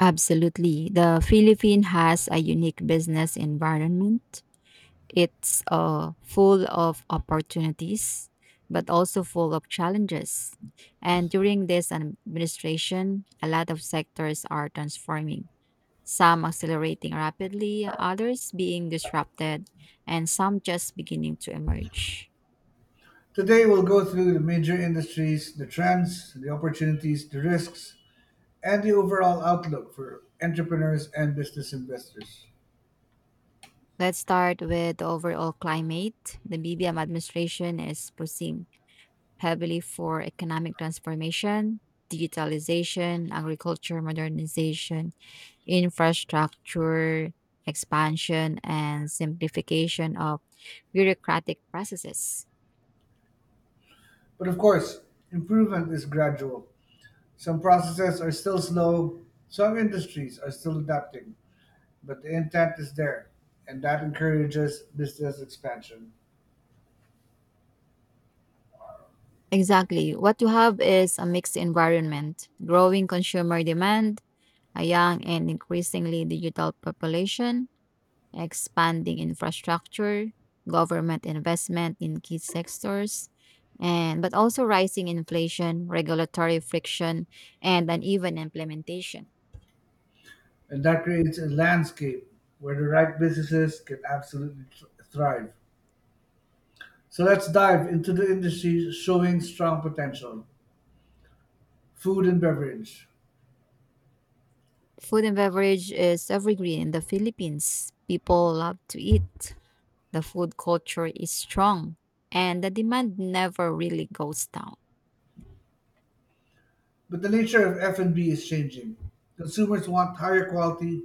B: Absolutely. The Philippines has a unique business environment. It's uh, full of opportunities, but also full of challenges. And during this administration, a lot of sectors are transforming, some accelerating rapidly, others being disrupted, and some just beginning to emerge.
A: Today, we'll go through the major industries, the trends, the opportunities, the risks, and the overall outlook for entrepreneurs and business investors.
B: Let's start with the overall climate. The B B M administration is pushing heavily for economic transformation, digitalization, agriculture modernization, infrastructure expansion and simplification of bureaucratic processes.
A: But of course, improvement is gradual. Some processes are still slow, some industries are still adapting, but the intent is there, and that encourages business expansion.
B: Exactly. What you have is a mixed environment, growing consumer demand, a young and increasingly digital population, expanding infrastructure, government investment in key sectors, and but also rising inflation, regulatory friction, and uneven implementation.
A: And that creates a landscape where the right businesses can absolutely thr- thrive. So let's dive into the industries showing strong potential, food and beverage.
B: Food and beverage is evergreen in the Philippines. People love to eat. The food culture is strong and the demand never really goes down.
A: But the nature of F and B is changing. Consumers want higher quality,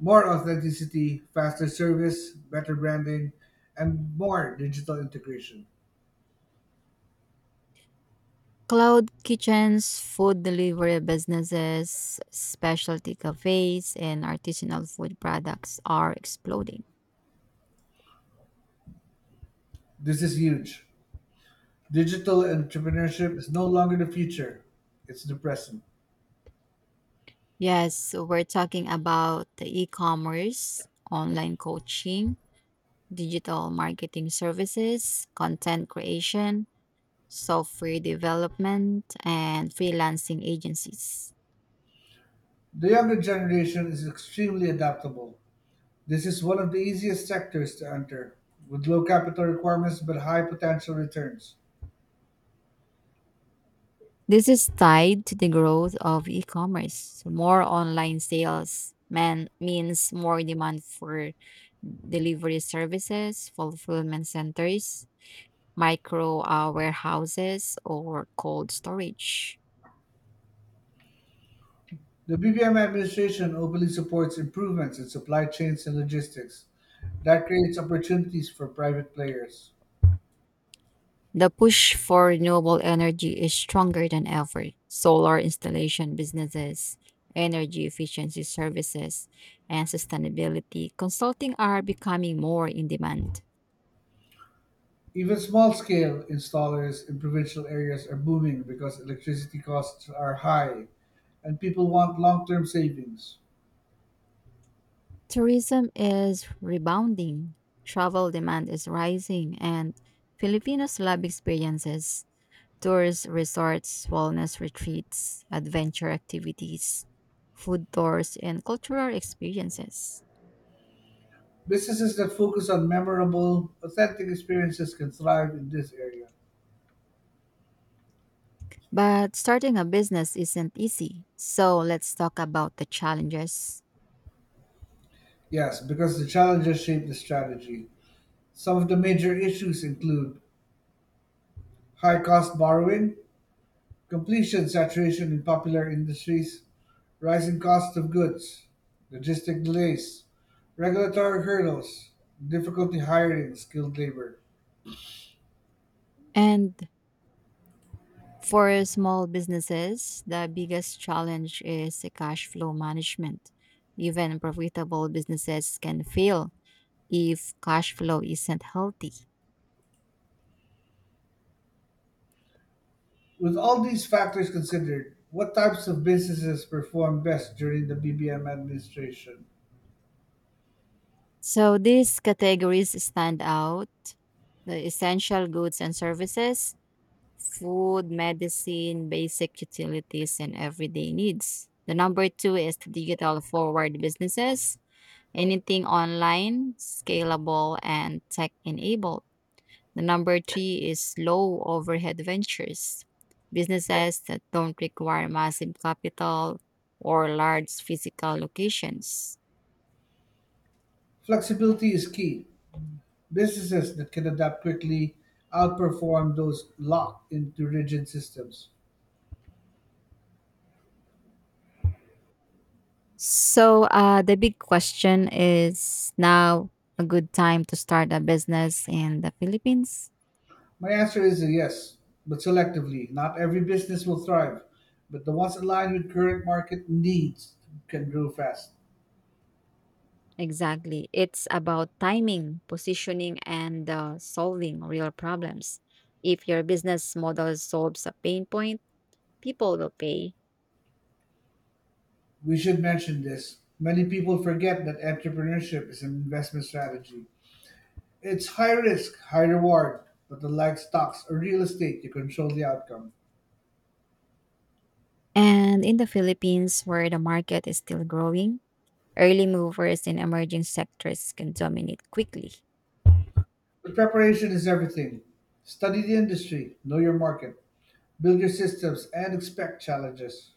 A: more authenticity, faster service, better branding, and more digital integration.
B: Cloud kitchens, food delivery businesses, specialty cafes, and artisanal food products are exploding.
A: This is huge. Digital entrepreneurship is no longer the future, it's the present.
B: Yes, so we're talking about the e commerce, online coaching, digital marketing services, content creation, software development, and freelancing agencies.
A: The younger generation is extremely adaptable. This is one of the easiest sectors to enter, with low capital requirements but high potential returns.
B: This is tied to the growth of e commerce. More online sales man, means more demand for delivery services, fulfillment centers, micro uh, warehouses, or cold storage.
A: The B B M administration openly supports improvements in supply chains and logistics that creates opportunities for private players.
B: The push for renewable energy is stronger than ever. Solar installation businesses, energy efficiency services, and sustainability consulting are becoming more in demand.
A: Even small-scale installers in provincial areas are booming because electricity costs are high and people want long-term savings.
B: Tourism is rebounding, travel demand is rising, and Filipinos love experiences. Tours, resorts, wellness retreats, adventure activities, food tours, and cultural experiences.
A: Businesses that focus on memorable, authentic experiences can thrive in this area.
B: But starting a business isn't easy. So let's talk about the challenges.
A: Yes, because the challenges shape the strategy. Some of the major issues include high cost borrowing, completion saturation in popular industries, rising cost of goods, logistic delays, regulatory hurdles, difficulty hiring skilled labor.
B: And for small businesses, the biggest challenge is the cash flow management. Even profitable businesses can fail if cash flow isn't healthy.
A: With all these factors considered, what types of businesses perform best during the B B M administration?
B: So these categories stand out the essential goods and services, food, medicine, basic utilities, and everyday needs. The number two is the digital forward businesses anything online, scalable, and tech enabled. The number three is low overhead ventures, businesses that don't require massive capital or large physical locations.
A: Flexibility is key. Businesses that can adapt quickly outperform those locked into rigid systems.
B: So, uh, the big question is now a good time to start a business in the Philippines?
A: My answer is a yes, but selectively. Not every business will thrive, but the ones aligned with current market needs can grow fast.
B: Exactly. It's about timing, positioning, and uh, solving real problems. If your business model solves a pain point, people will pay.
A: We should mention this. Many people forget that entrepreneurship is an investment strategy. It's high risk, high reward, but unlike stocks or real estate, you control the outcome.
B: And in the Philippines, where the market is still growing, early movers in emerging sectors can dominate quickly.
A: But preparation is everything. Study the industry, know your market, build your systems, and expect challenges.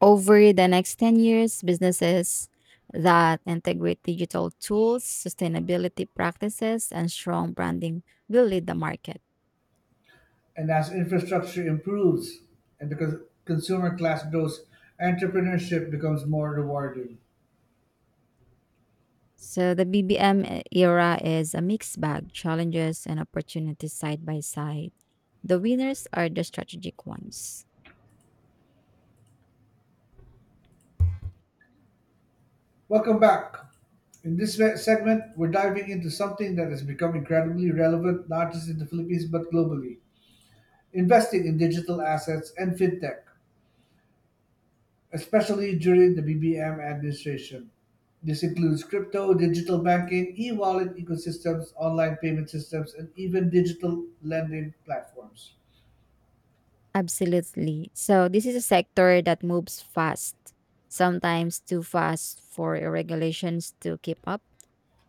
B: Over the next ten years, businesses that integrate digital tools, sustainability practices, and strong branding will lead the market.
A: And as infrastructure improves and the cons- consumer class grows, entrepreneurship becomes more rewarding.
B: So the B B M e- era is a mixed bag, challenges and opportunities side by side. The winners are the strategic ones.
A: Welcome back. In this se- segment, we're diving into something that has become incredibly relevant not just in the Philippines but globally, investing in digital assets and fintech, especially during the B B M administration. This includes crypto, digital banking, e wallet ecosystems, online payment systems, and even digital lending platforms.
B: Absolutely. So this is a sector that moves fast, sometimes too fast for regulations to keep up.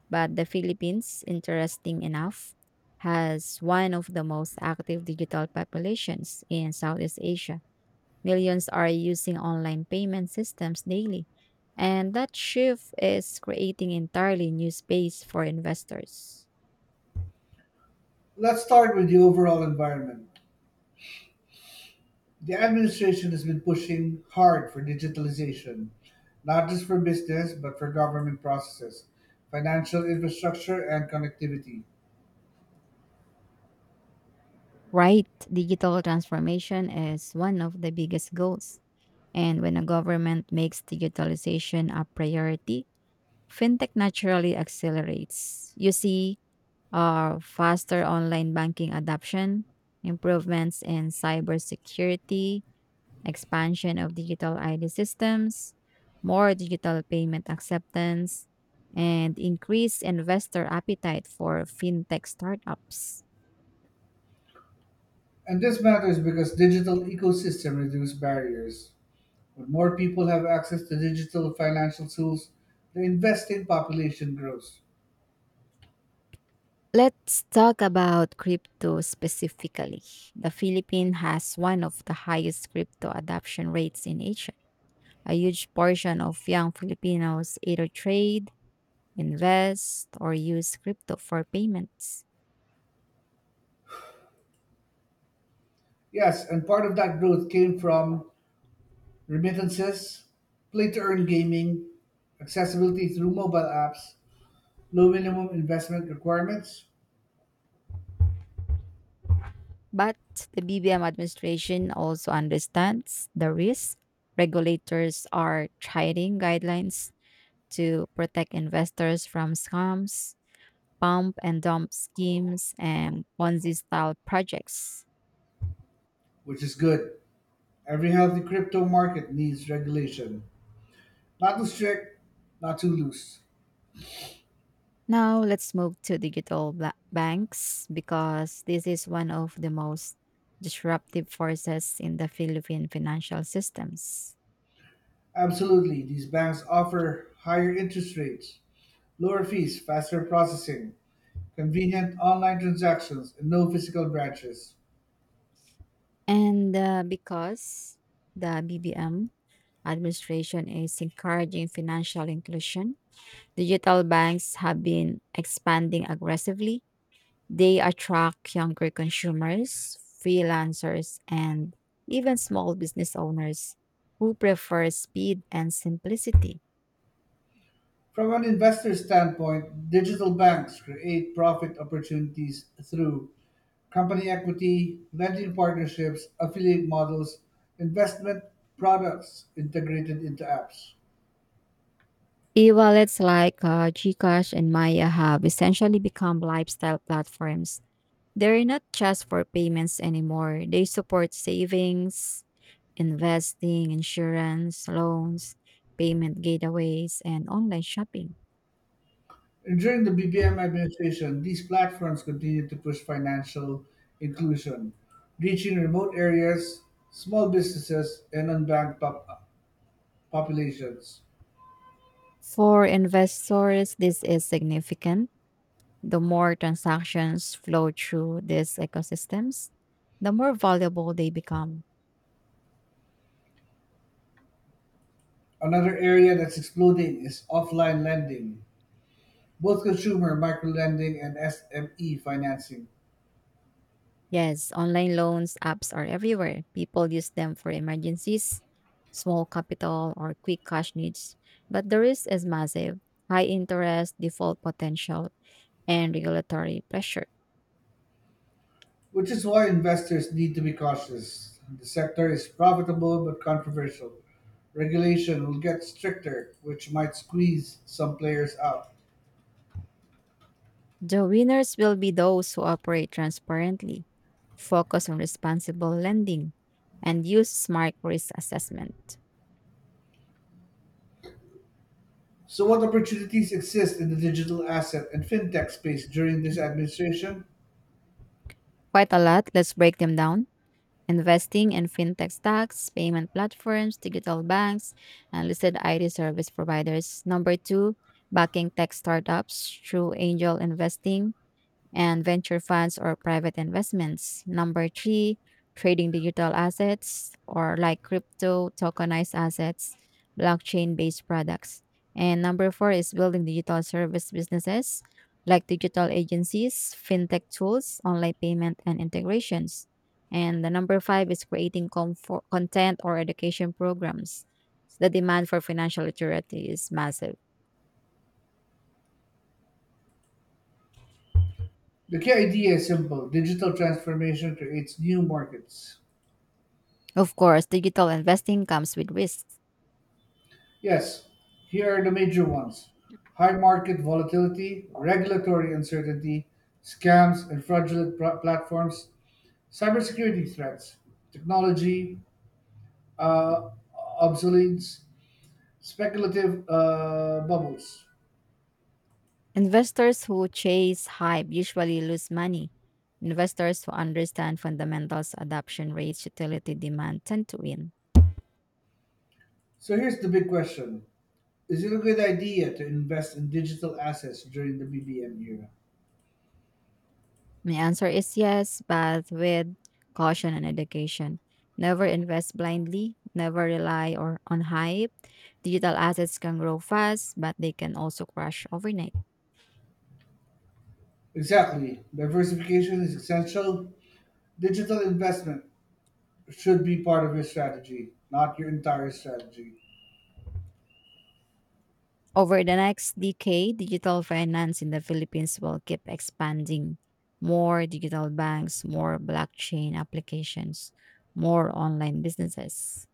B: But the Philippines, interesting enough, has one of the most active digital populations in Southeast Asia. Millions are using online payment systems daily. And that shift is creating entirely new space for investors.
A: Let's start with the overall environment. The administration has been pushing hard for digitalization, not just for business, but for government processes, financial infrastructure, and connectivity.
B: Right, digital transformation is one of the biggest goals. And when a government makes digitalization a priority, fintech naturally accelerates. You see uh, faster online banking adoption, improvements in cybersecurity, expansion of digital I D systems, more digital payment acceptance, and increased investor appetite for fintech startups.
A: And this matters because digital ecosystem reduce barriers. When more people have access to digital financial tools, the investing population grows.
B: Let's talk about crypto specifically. The Philippines has one of the highest crypto adoption rates in Asia. A huge portion of young Filipinos either trade, invest, or use crypto for payments.
A: Yes, and part of that growth came from remittances, play to earn gaming, accessibility through mobile apps, low minimum investment requirements,
B: But the B B M administration also understands the risk. Regulators are trying guidelines to protect investors from scams, pump and dump schemes, and Ponzi style projects.
A: which is good. Every healthy crypto market needs regulation. Not too strict, not too loose.
B: Now let's move to digital ba- banks because this is one of the most disruptive forces in the Philippine financial systems.
A: Absolutely, these banks offer higher interest rates, lower fees, faster processing, convenient online transactions, and no physical branches.
B: And uh, because the B B M administration is encouraging financial inclusion, digital banks have been expanding aggressively. They attract younger consumers, freelancers, and even small business owners who prefer speed and simplicity.
A: From an investor standpoint, digital banks create profit opportunities through company equity, lending partnerships, affiliate models, investment products integrated into apps.
B: E-wallets like uh, Gcash and Maya have essentially become lifestyle platforms. They're not just for payments anymore. They support savings, investing, insurance, loans, payment gateways, and online shopping.
A: During the B B M administration, these platforms continued to push financial inclusion, reaching remote areas, small businesses, and unbanked pop- populations.
B: For investors, this is significant. The more transactions flow through these ecosystems, the more valuable they become.
A: Another area that's exploding is offline lending, both consumer microlending and S M E financing,
B: Yes, online loans apps are everywhere. People use them for emergencies, small capital, or quick cash needs. But the risk is massive: high interest, default potential, and regulatory pressure.
A: which is why investors need to be cautious. The sector is profitable but controversial. Regulation will get stricter, which might squeeze some players out.
B: The winners will be those who operate transparently, focus on responsible lending, and use smart risk assessment.
A: So, what opportunities exist in the digital asset and fintech space during this administration?
B: Quite a lot. Let's break them down. Investing and fintech stocks, payment platforms, digital banks, and listed I T service providers. Number two, backing tech startups through angel investing and venture funds or private investments. Number three, trading digital assets or like crypto, tokenized assets, blockchain based products. And number four is building digital service businesses like digital agencies, fintech tools, online payment, and integrations. And the number five is creating comfort, content or education programs. The demand for financial literacy is massive.
A: The key idea is simple digital transformation creates new markets.
B: Of course, digital investing comes with risks.
A: Yes, here are the major ones high market volatility, regulatory uncertainty, scams and fraudulent pr- platforms, cybersecurity threats, technology uh, obsolescence, speculative uh, bubbles.
B: Investors who chase hype usually lose money. Investors who understand fundamentals, adoption rates, utility demand tend to win.
A: So, here's the big question is it a good idea to invest in digital assets during the B B M era?
B: My answer is yes, but with caution and education. Never invest blindly, never rely or on hype. Digital assets can grow fast, but they can also crash overnight.
A: Exactly. Diversification is essential. Digital investment should be part of your strategy, not your entire strategy.
B: Over the next decade, digital finance in the Philippines will keep expanding. More digital banks, more blockchain applications, more online businesses.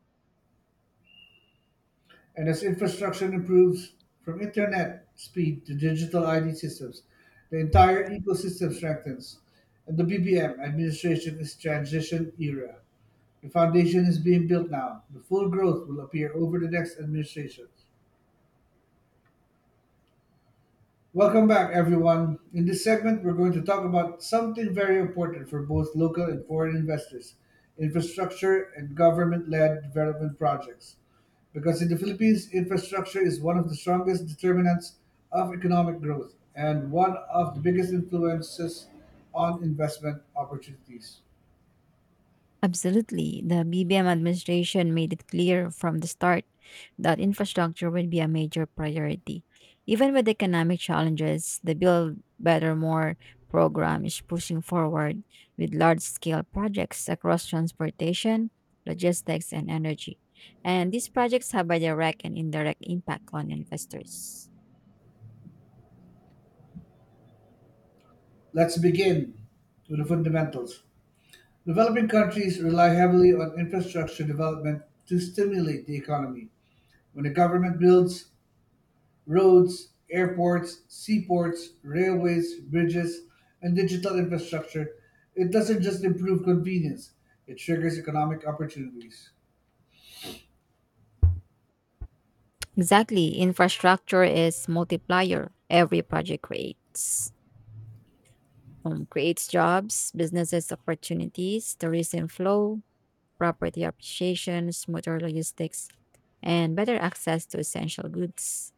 A: And as infrastructure improves from internet speed to digital I D systems, the entire ecosystem strengthens. And the B B M administration is transition era. The foundation is being built now. The full growth will appear over the next administration. Welcome back, everyone. In this segment, we're going to talk about something very important for both local and foreign investors infrastructure and government led development projects. Because in the Philippines, infrastructure is one of the strongest determinants of economic growth and one of the biggest influences on investment opportunities.
B: Absolutely. The B B M administration made it clear from the start that infrastructure would be a major priority. Even with economic challenges, the Build Better More program is pushing forward with large scale projects across transportation, logistics, and energy. And these projects have a direct and indirect impact on investors.
A: Let's begin with the fundamentals. Developing countries rely heavily on infrastructure development to stimulate the economy. When a government builds roads, airports, seaports, railways, bridges, and digital infrastructure, it doesn't just improve convenience, it triggers economic opportunities.
B: Exactly. Infrastructure is multiplier every project creates. Um, creates jobs, businesses opportunities, tourism flow, property appreciation, smoother logistics, and better access to essential goods.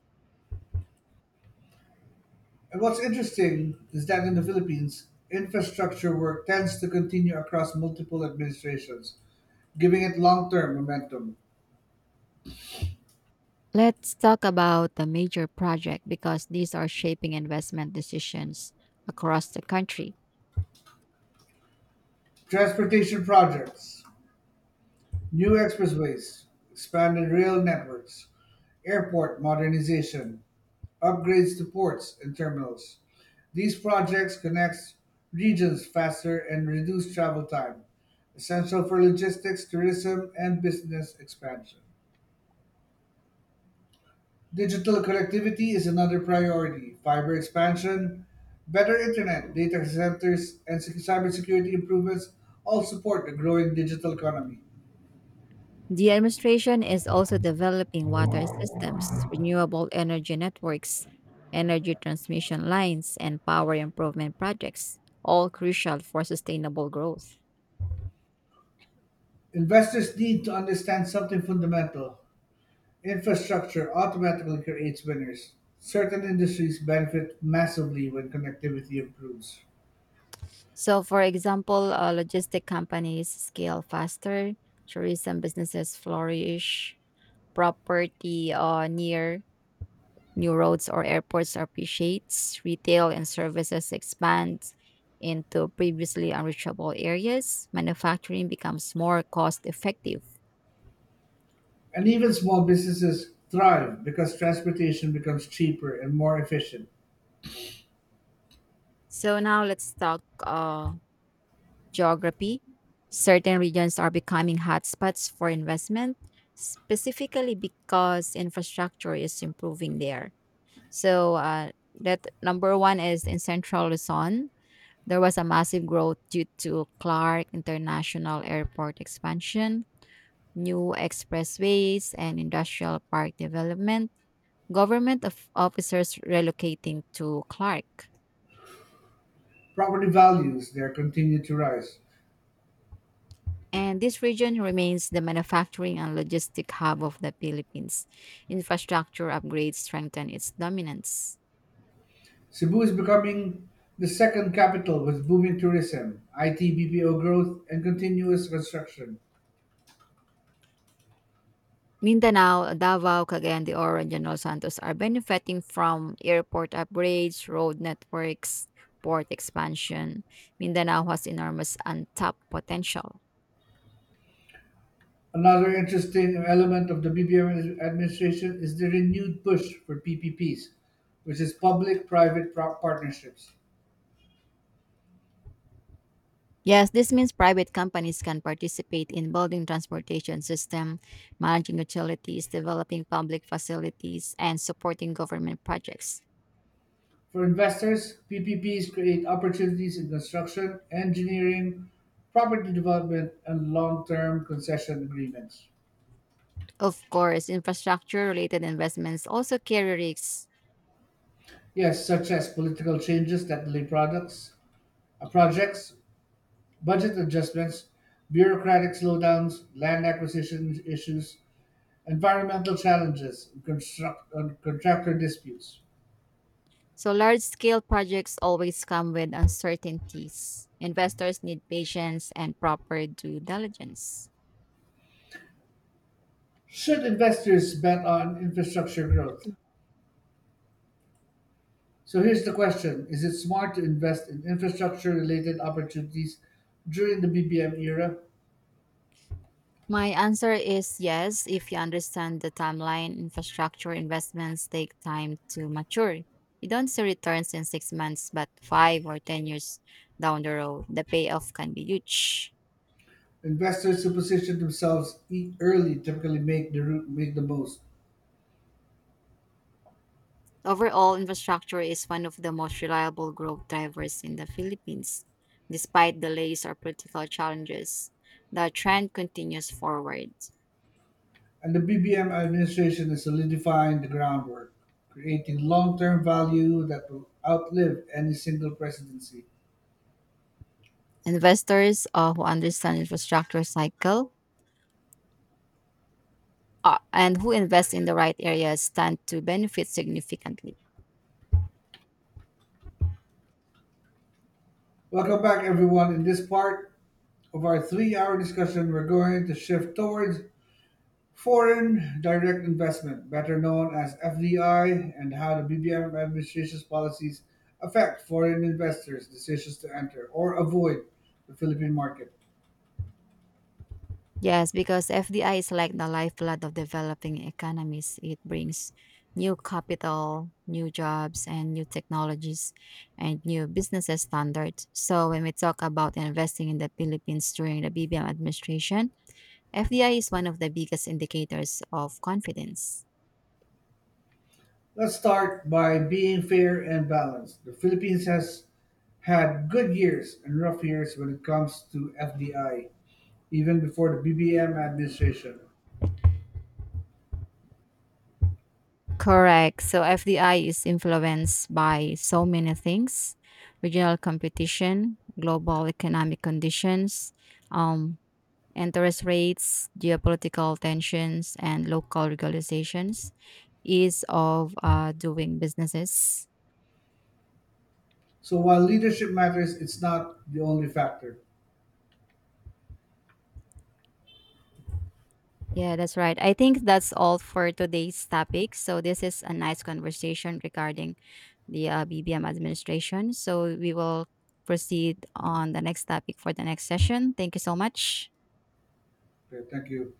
A: And what's interesting is that in the Philippines, infrastructure work tends to continue across multiple administrations, giving it long term momentum.
B: Let's talk about the major project because these are shaping investment decisions across the country.
A: Transportation projects, new expressways, expanded rail networks, airport modernization, upgrades to ports and terminals. These projects connect regions faster and reduce travel time, essential for logistics, tourism, and business expansion. Digital connectivity is another priority. Fiber expansion, better internet, data centers, and sec- cybersecurity improvements all support the growing digital economy.
B: The administration is also developing water systems, renewable energy networks, energy transmission lines, and power improvement projects, all crucial for sustainable growth.
A: Investors need to understand something fundamental. Infrastructure automatically creates winners. Certain industries benefit massively when connectivity improves.
B: So, for example, uh, logistic companies scale faster, tourism businesses flourish, property uh, near new roads or airports appreciates, retail and services expand into previously unreachable areas, manufacturing becomes more cost effective.
A: And even small businesses thrive because transportation becomes cheaper and more efficient.
B: So, now let's talk uh, geography. Certain regions are becoming hotspots for investment, specifically because infrastructure is improving there. So uh, that number one is in Central Luzon, there was a massive growth due to Clark International Airport expansion, new expressways, and industrial park development. Government of officers relocating to Clark.
A: Property values there continue to rise.
B: And this region remains the manufacturing and logistic hub of the Philippines. Infrastructure upgrades strengthen its dominance.
A: Cebu is becoming the second capital with booming tourism, I T B P O growth, and continuous construction.
B: Mindanao, Davao, Cagayan de Oro, and General Santos are benefiting from airport upgrades, road networks, port expansion. Mindanao has enormous untapped potential.
A: Another interesting element of the B B M administration is the renewed push for P P Ps, which is public private partnerships.
B: Yes, this means private companies can participate in building transportation system, managing utilities, developing public facilities, and supporting government projects.
A: For investors, P P Ps create opportunities in construction, engineering, property development, and long term concession agreements.
B: Of course, infrastructure related investments also carry risks.
A: Yes, such as political changes that delay products, uh, projects, budget adjustments, bureaucratic slowdowns, land acquisition issues, environmental challenges, and construct, and contractor disputes.
B: So large scale projects always come with uncertainties. Investors need patience and proper due diligence.
A: Should investors bet on infrastructure growth? So here's the question: is it smart to invest in infrastructure-related opportunities during the B B M era?
B: My answer is yes, if you understand the timeline, infrastructure investments take time to mature. You don't see returns in six months, but five or ten years down the road, the payoff can be huge.
A: Investors who position themselves e- early typically make the route make the most,
B: Overall, infrastructure is one of the most reliable growth drivers in the Philippines. Despite delays or political challenges, the trend continues forward.
A: and the B B M administration is solidifying the groundwork, creating long-term value that will outlive any single presidency.
B: Investors uh, who understand infrastructure cycle uh, and who invest in the right areas stand to benefit significantly.
A: Welcome back, everyone. In this part of our three-hour discussion, we're going to shift towards foreign direct investment, better known as F D I, and how the B B M administration's policies affect foreign investors' decisions to enter or avoid the Philippine market.
B: Yes, because F D I is like the lifeblood of developing economies. It brings new capital, new jobs, and new technologies and new businesses standards. So, when we talk about investing in the Philippines during the B B M administration, F D I is one of the biggest indicators of confidence.
A: Let's start by being fair and balanced. The Philippines has had good years and rough years when it comes to F D I, even before the B B M administration.
B: Correct. So, F D I is influenced by so many things: regional competition, global economic conditions, um, interest rates, geopolitical tensions, and local regulations ease of uh, doing businesses.
A: So while leadership matters, it's not the only factor.
B: Yeah, that's right. I think that's all for today's topic. So this is a nice conversation regarding the uh, B B M administration. So we will proceed on the next topic for the next session. Thank you so much.
A: Okay, thank you.